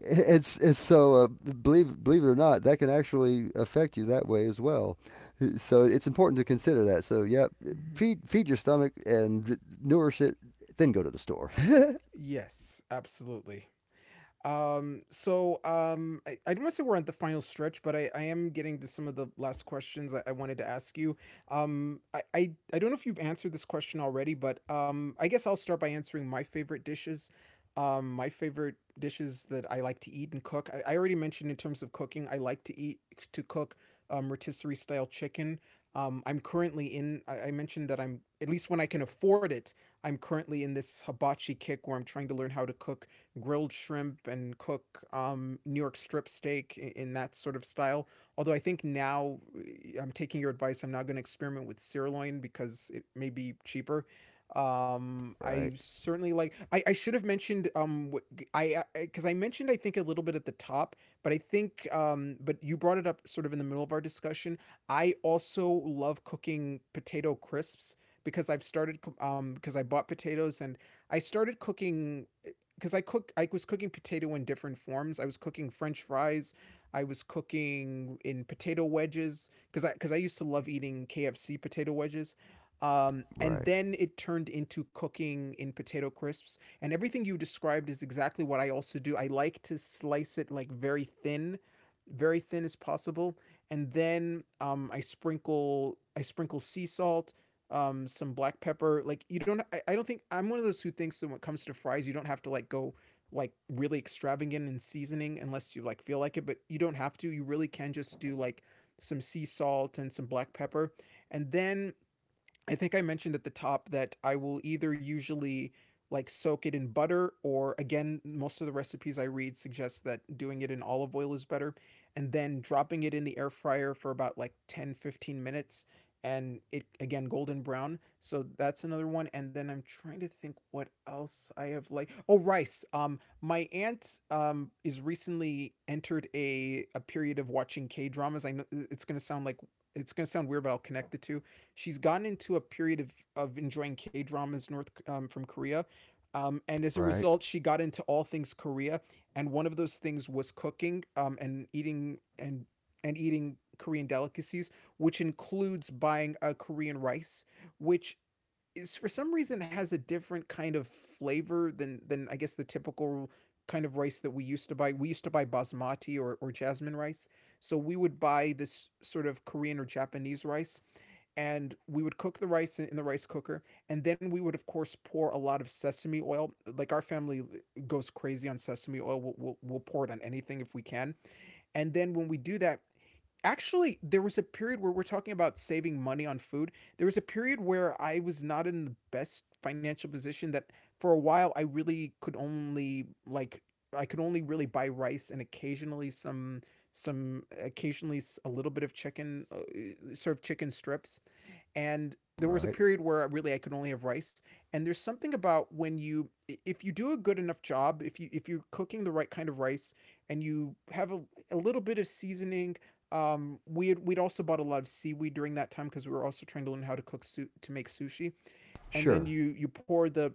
[SPEAKER 2] It's so believe it or not, that can actually affect you that way as well. So it's important to consider that. So yeah,
[SPEAKER 1] Mm-hmm.
[SPEAKER 2] feed your stomach and nourish it then go to the store.
[SPEAKER 1] Yes, absolutely. I don't want to say we're at the final stretch, but I am getting to some of the last questions I wanted to ask you. I don't know if you've answered this question already, but I guess I'll start by answering my favorite dishes. My favorite dishes that I like to eat and cook. I already mentioned in terms of cooking, I like to eat to cook rotisserie style chicken. I'm currently in. I mentioned that I'm at least when I can afford it. I'm currently in this hibachi kick where I'm trying to learn how to cook grilled shrimp and cook New York strip steak in that sort of style. Although I think now I'm taking your advice. I'm not going to experiment with sirloin because it may be cheaper. I
[SPEAKER 2] Right,
[SPEAKER 1] certainly like. I should have mentioned what g- I because I, mentioned I think a little bit at the top, but I think but you brought it up sort of in the middle of our discussion. I also love cooking potato crisps because I've started because I bought potatoes and I started cooking because I was cooking potato in different forms. I was cooking French fries. I was cooking in potato wedges because I used to love eating KFC potato wedges. And
[SPEAKER 2] right,
[SPEAKER 1] then it turned into cooking in potato crisps. And everything you described is exactly what I also do. I like to slice it like very thin as possible. And then I sprinkle sea salt, some black pepper. Like, you don't, I don't think I'm one of those who thinks that when it comes to fries you don't have to like go like really extravagant in seasoning unless you like feel like it, but you don't have to. You really can just do like some sea salt and some black pepper, and then I think I mentioned at the top that I will either usually like soak it in butter, or again most of the recipes I read suggest that doing it in olive oil is better, and then dropping it in the air fryer for about like 10, 15 minutes, and it again golden brown. So that's another one. And then I'm trying to think what else I have, like oh, rice. My aunt is recently entered a period of watching K-dramas. I know it's going to sound like it's going to sound weird, but I'll connect the two. She's gotten into a period of enjoying K dramas North, from Korea, and as a
[SPEAKER 2] right,
[SPEAKER 1] result, she got into all things Korea. And one of those things was cooking, and eating, and eating Korean delicacies, which includes buying a Korean rice, which is for some reason has a different kind of flavor than I guess the typical kind of rice that we used to buy. We used to buy basmati, or jasmine rice. So we would buy this sort of Korean or Japanese rice, and we would cook the rice in the rice cooker, and then we would of course pour a lot of sesame oil. Like, our family goes crazy on sesame oil. We'll pour it on anything if we can. And then when we do that, actually there was a period where we're talking about saving money on food. There was a period where I was not in the best financial position, that for a while I really could only like I could only really buy rice and occasionally some occasionally a little bit of chicken, sort of chicken strips. And there was a
[SPEAKER 2] right.
[SPEAKER 1] period where really I could only have rice. And there's something about when you, if you do a good enough job, if you if you're cooking the right kind of rice and you have a little bit of seasoning, we had, we'd also bought a lot of seaweed during that time because we were also trying to learn how to cook to make sushi, and then
[SPEAKER 2] Sure.
[SPEAKER 1] you pour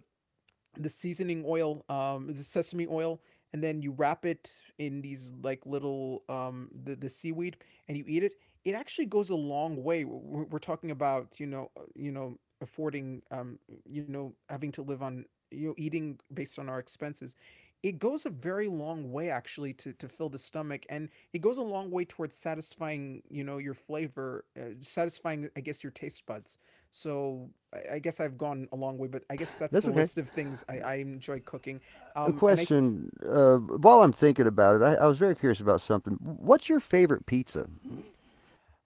[SPEAKER 1] the seasoning oil, the sesame oil, and then you wrap it in these like little, the seaweed, and you eat it. It actually goes a long way. We're talking about, you know, you know, affording, you know, having to live on, you know, eating based on our expenses. It goes a very long way actually to fill the stomach, and it goes a long way towards satisfying you know your flavor, satisfying I guess your taste buds. So I guess I've gone a long way, but I guess that's the
[SPEAKER 2] That's okay.
[SPEAKER 1] list of things I enjoy cooking.
[SPEAKER 2] A
[SPEAKER 1] And I
[SPEAKER 2] question. While I'm thinking about it, I was very curious about something. What's your favorite pizza?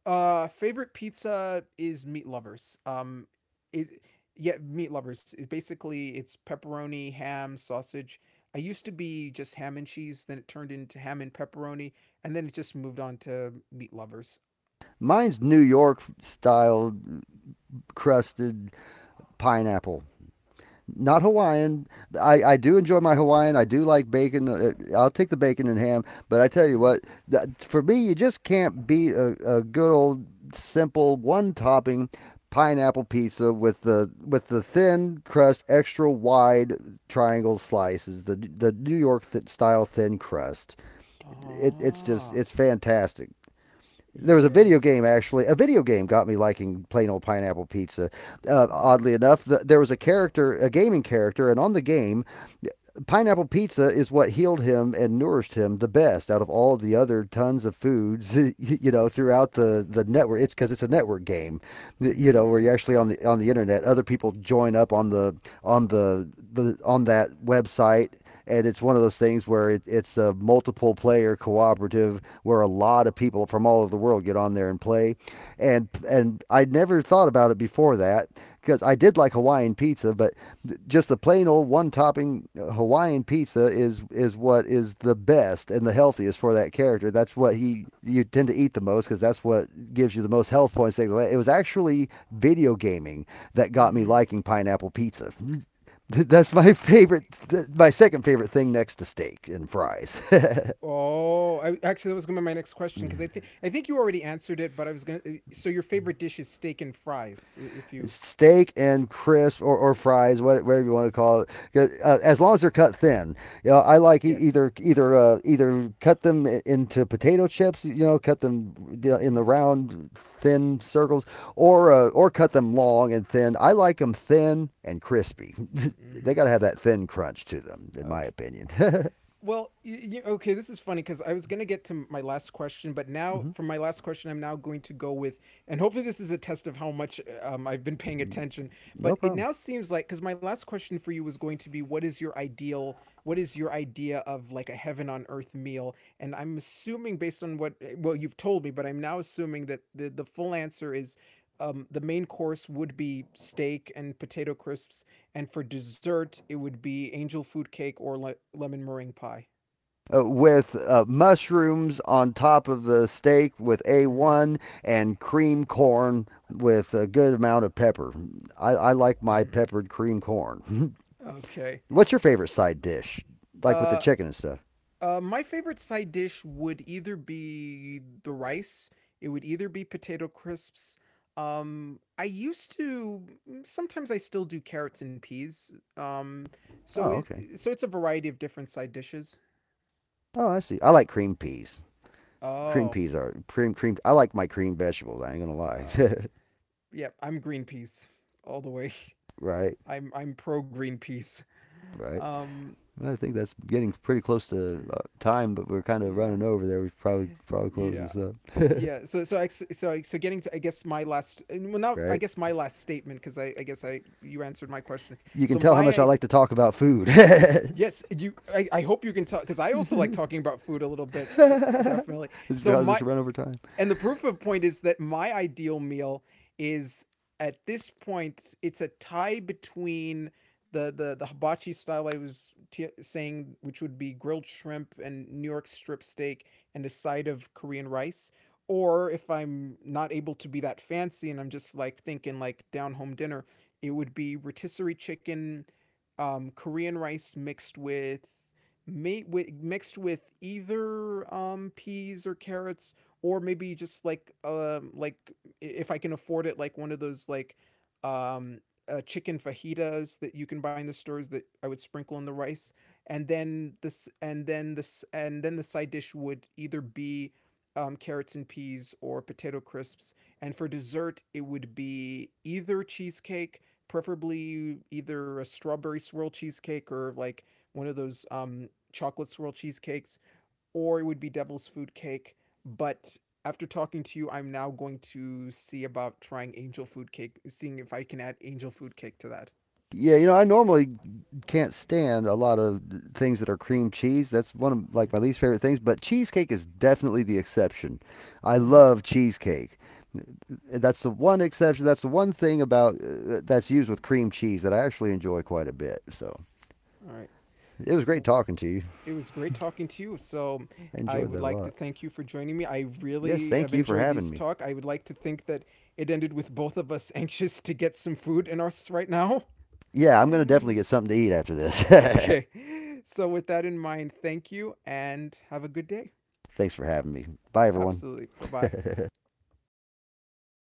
[SPEAKER 1] favorite pizza is meat lovers. It yeah, meat lovers is basically it's pepperoni, ham, sausage. I used to be just ham and cheese, then it turned into ham and pepperoni, and then it just moved on to meat lovers.
[SPEAKER 2] Mine's New York style crusted pineapple. Not Hawaiian. I do enjoy my Hawaiian. I do like bacon. I'll take the bacon and ham. But I tell you
[SPEAKER 1] Hmm.
[SPEAKER 2] what, for me, you just can't beat a good old simple one topping pineapple pizza with the thin crust, extra wide triangle slices, the New York style thin crust. It's just
[SPEAKER 1] Ah,
[SPEAKER 2] it's fantastic. There was a video game
[SPEAKER 1] yes.
[SPEAKER 2] actually. A video game got me liking plain old pineapple pizza.
[SPEAKER 1] Hmm.
[SPEAKER 2] Oddly enough, there was a character, a gaming character, and on the game, pineapple pizza is what healed him and nourished him the best out of all the other tons of foods you know throughout the network. It's because it's a network game,
[SPEAKER 1] Mm-hmm, you
[SPEAKER 2] you
[SPEAKER 1] know.
[SPEAKER 2] know, where you're actually on the internet, other people join up on the on that website, and it's one of those things where it's a multiple player cooperative where a lot of people from all over the world get on there and play.
[SPEAKER 1] Play.
[SPEAKER 2] And I'd never thought about it before that because I did like Hawaiian pizza, but just the plain old one topping Hawaiian pizza is what is the best and the healthiest for that character. That's what he you tend to eat the most because that's what gives you the most health points. It was actually video gaming that got me liking pineapple pizza. That's my favorite, my second favorite thing next to steak and fries.
[SPEAKER 1] Oh, I, actually, that was gonna be my next question because I think you already answered it, but I was gonna. So your favorite dish is steak and fries, if you. You
[SPEAKER 2] Steak and crisps or fries, whatever you want to call it, as long as they're cut thin. You know, I like either either either cut them into potato chips, you know, cut them
[SPEAKER 1] know.
[SPEAKER 2] in the round thin circles, or cut them long and thin. I like them thin and crispy.
[SPEAKER 1] Mm-hmm.
[SPEAKER 2] They got to have that thin crunch to them, in
[SPEAKER 1] Mm-hmm.
[SPEAKER 2] my opinion.
[SPEAKER 1] Well, you y okay, this is funny because I was going to get to my last question, but now
[SPEAKER 2] Mm-hmm.
[SPEAKER 1] for my last question, I'm now going to go with, and hopefully this is a test of how much I've been paying attention.
[SPEAKER 2] No
[SPEAKER 1] But it
[SPEAKER 2] problem.
[SPEAKER 1] now seems like, because my last question for you was going to be, what is your ideal, what is your idea of like a heaven on earth meal? And I'm assuming based on what, well, you've told me, but I'm now assuming that the full answer is the main course would be steak and potato crisps, and for dessert, it would be angel food cake or lemon meringue pie.
[SPEAKER 2] With mushrooms on top of the steak with
[SPEAKER 1] Hmm.
[SPEAKER 2] A1 and cream corn with a good amount of pepper. I like my
[SPEAKER 1] Hmm.
[SPEAKER 2] peppered cream corn.
[SPEAKER 1] Okay.
[SPEAKER 2] What's your favorite side dish? Like with
[SPEAKER 1] Uh,
[SPEAKER 2] the chicken and stuff?
[SPEAKER 1] my favorite side dish would either be the rice. It would either be potato crisps. I used to sometimes I still do carrots and peas. So
[SPEAKER 2] Oh,
[SPEAKER 1] it,
[SPEAKER 2] okay.
[SPEAKER 1] so it's a variety of different side dishes.
[SPEAKER 2] Oh, I see. I like cream peas. Cream
[SPEAKER 1] Oh,
[SPEAKER 2] peas are cream I like my cream vegetables. I ain't gonna lie.
[SPEAKER 1] uh, yeah, I'm green peas all the way.
[SPEAKER 2] Right,
[SPEAKER 1] I'm pro green peas.
[SPEAKER 2] right.
[SPEAKER 1] Um,
[SPEAKER 2] I think that's getting pretty close to
[SPEAKER 1] mm,
[SPEAKER 2] time, but we're kind of
[SPEAKER 1] yeah.
[SPEAKER 2] running over there. We should probably close
[SPEAKER 1] Yeah.
[SPEAKER 2] this up.
[SPEAKER 1] Yeah. So getting to I guess my last, well not I
[SPEAKER 2] Right.
[SPEAKER 1] guess my last statement because I guess I you answered my question.
[SPEAKER 2] You
[SPEAKER 1] So
[SPEAKER 2] can tell
[SPEAKER 1] my
[SPEAKER 2] how much
[SPEAKER 1] I
[SPEAKER 2] I like to talk about food.
[SPEAKER 1] yes you I hope you can tell because I also like
[SPEAKER 2] It's
[SPEAKER 1] talking about food a little bit definitely. So
[SPEAKER 2] because
[SPEAKER 1] my
[SPEAKER 2] it's run over time.
[SPEAKER 1] and the proof of point is that my ideal meal is at this point it's a tie between the hibachi style I was saying, which would be grilled shrimp and New York strip steak and a side of Korean rice. Or if I'm not able to be that fancy and I'm just like thinking like down home dinner, it would be rotisserie chicken, Korean rice mixed with, mixed with either, peas or carrots, or maybe just like, if I can afford it, like one of those like um chicken fajitas that you can buy in the stores that I would sprinkle in the rice, and then this and then this and then the side dish would either be, carrots and peas or potato crisps, and for dessert it would be either cheesecake, preferably either a strawberry swirl cheesecake, or like one of those chocolate swirl cheesecakes, or it would be Devil's Food Cake. But after talking to you, I'm now going to see about trying Angel Food Cake, seeing if I can add Angel Food Cake to that.
[SPEAKER 2] Yeah, you know, I normally can't stand a lot of things that are cream cheese. That's one of like my least favorite things, but cheesecake is definitely the exception. I
[SPEAKER 1] Mhm.
[SPEAKER 2] love cheesecake. That's the one exception. That's the one thing about that's used with cream cheese that I actually enjoy quite a bit. So,
[SPEAKER 1] All right.
[SPEAKER 2] it was great talking to you.
[SPEAKER 1] It was great talking to you. So
[SPEAKER 2] I
[SPEAKER 1] I
[SPEAKER 2] enjoyed
[SPEAKER 1] would
[SPEAKER 2] that a
[SPEAKER 1] like to
[SPEAKER 2] lot.
[SPEAKER 1] thank you for joining me. I
[SPEAKER 2] Yes,
[SPEAKER 1] really have
[SPEAKER 2] thank you for
[SPEAKER 1] enjoyed
[SPEAKER 2] having
[SPEAKER 1] this
[SPEAKER 2] me.
[SPEAKER 1] talk. I would like to think that it ended with both of us anxious to get some food in us right now.
[SPEAKER 2] Yeah, I'm going to definitely get something to eat after this.
[SPEAKER 1] Okay. So with that in mind, thank you and have a good day.
[SPEAKER 2] Thanks for having me. Bye, everyone.
[SPEAKER 1] Absolutely. Bye-bye.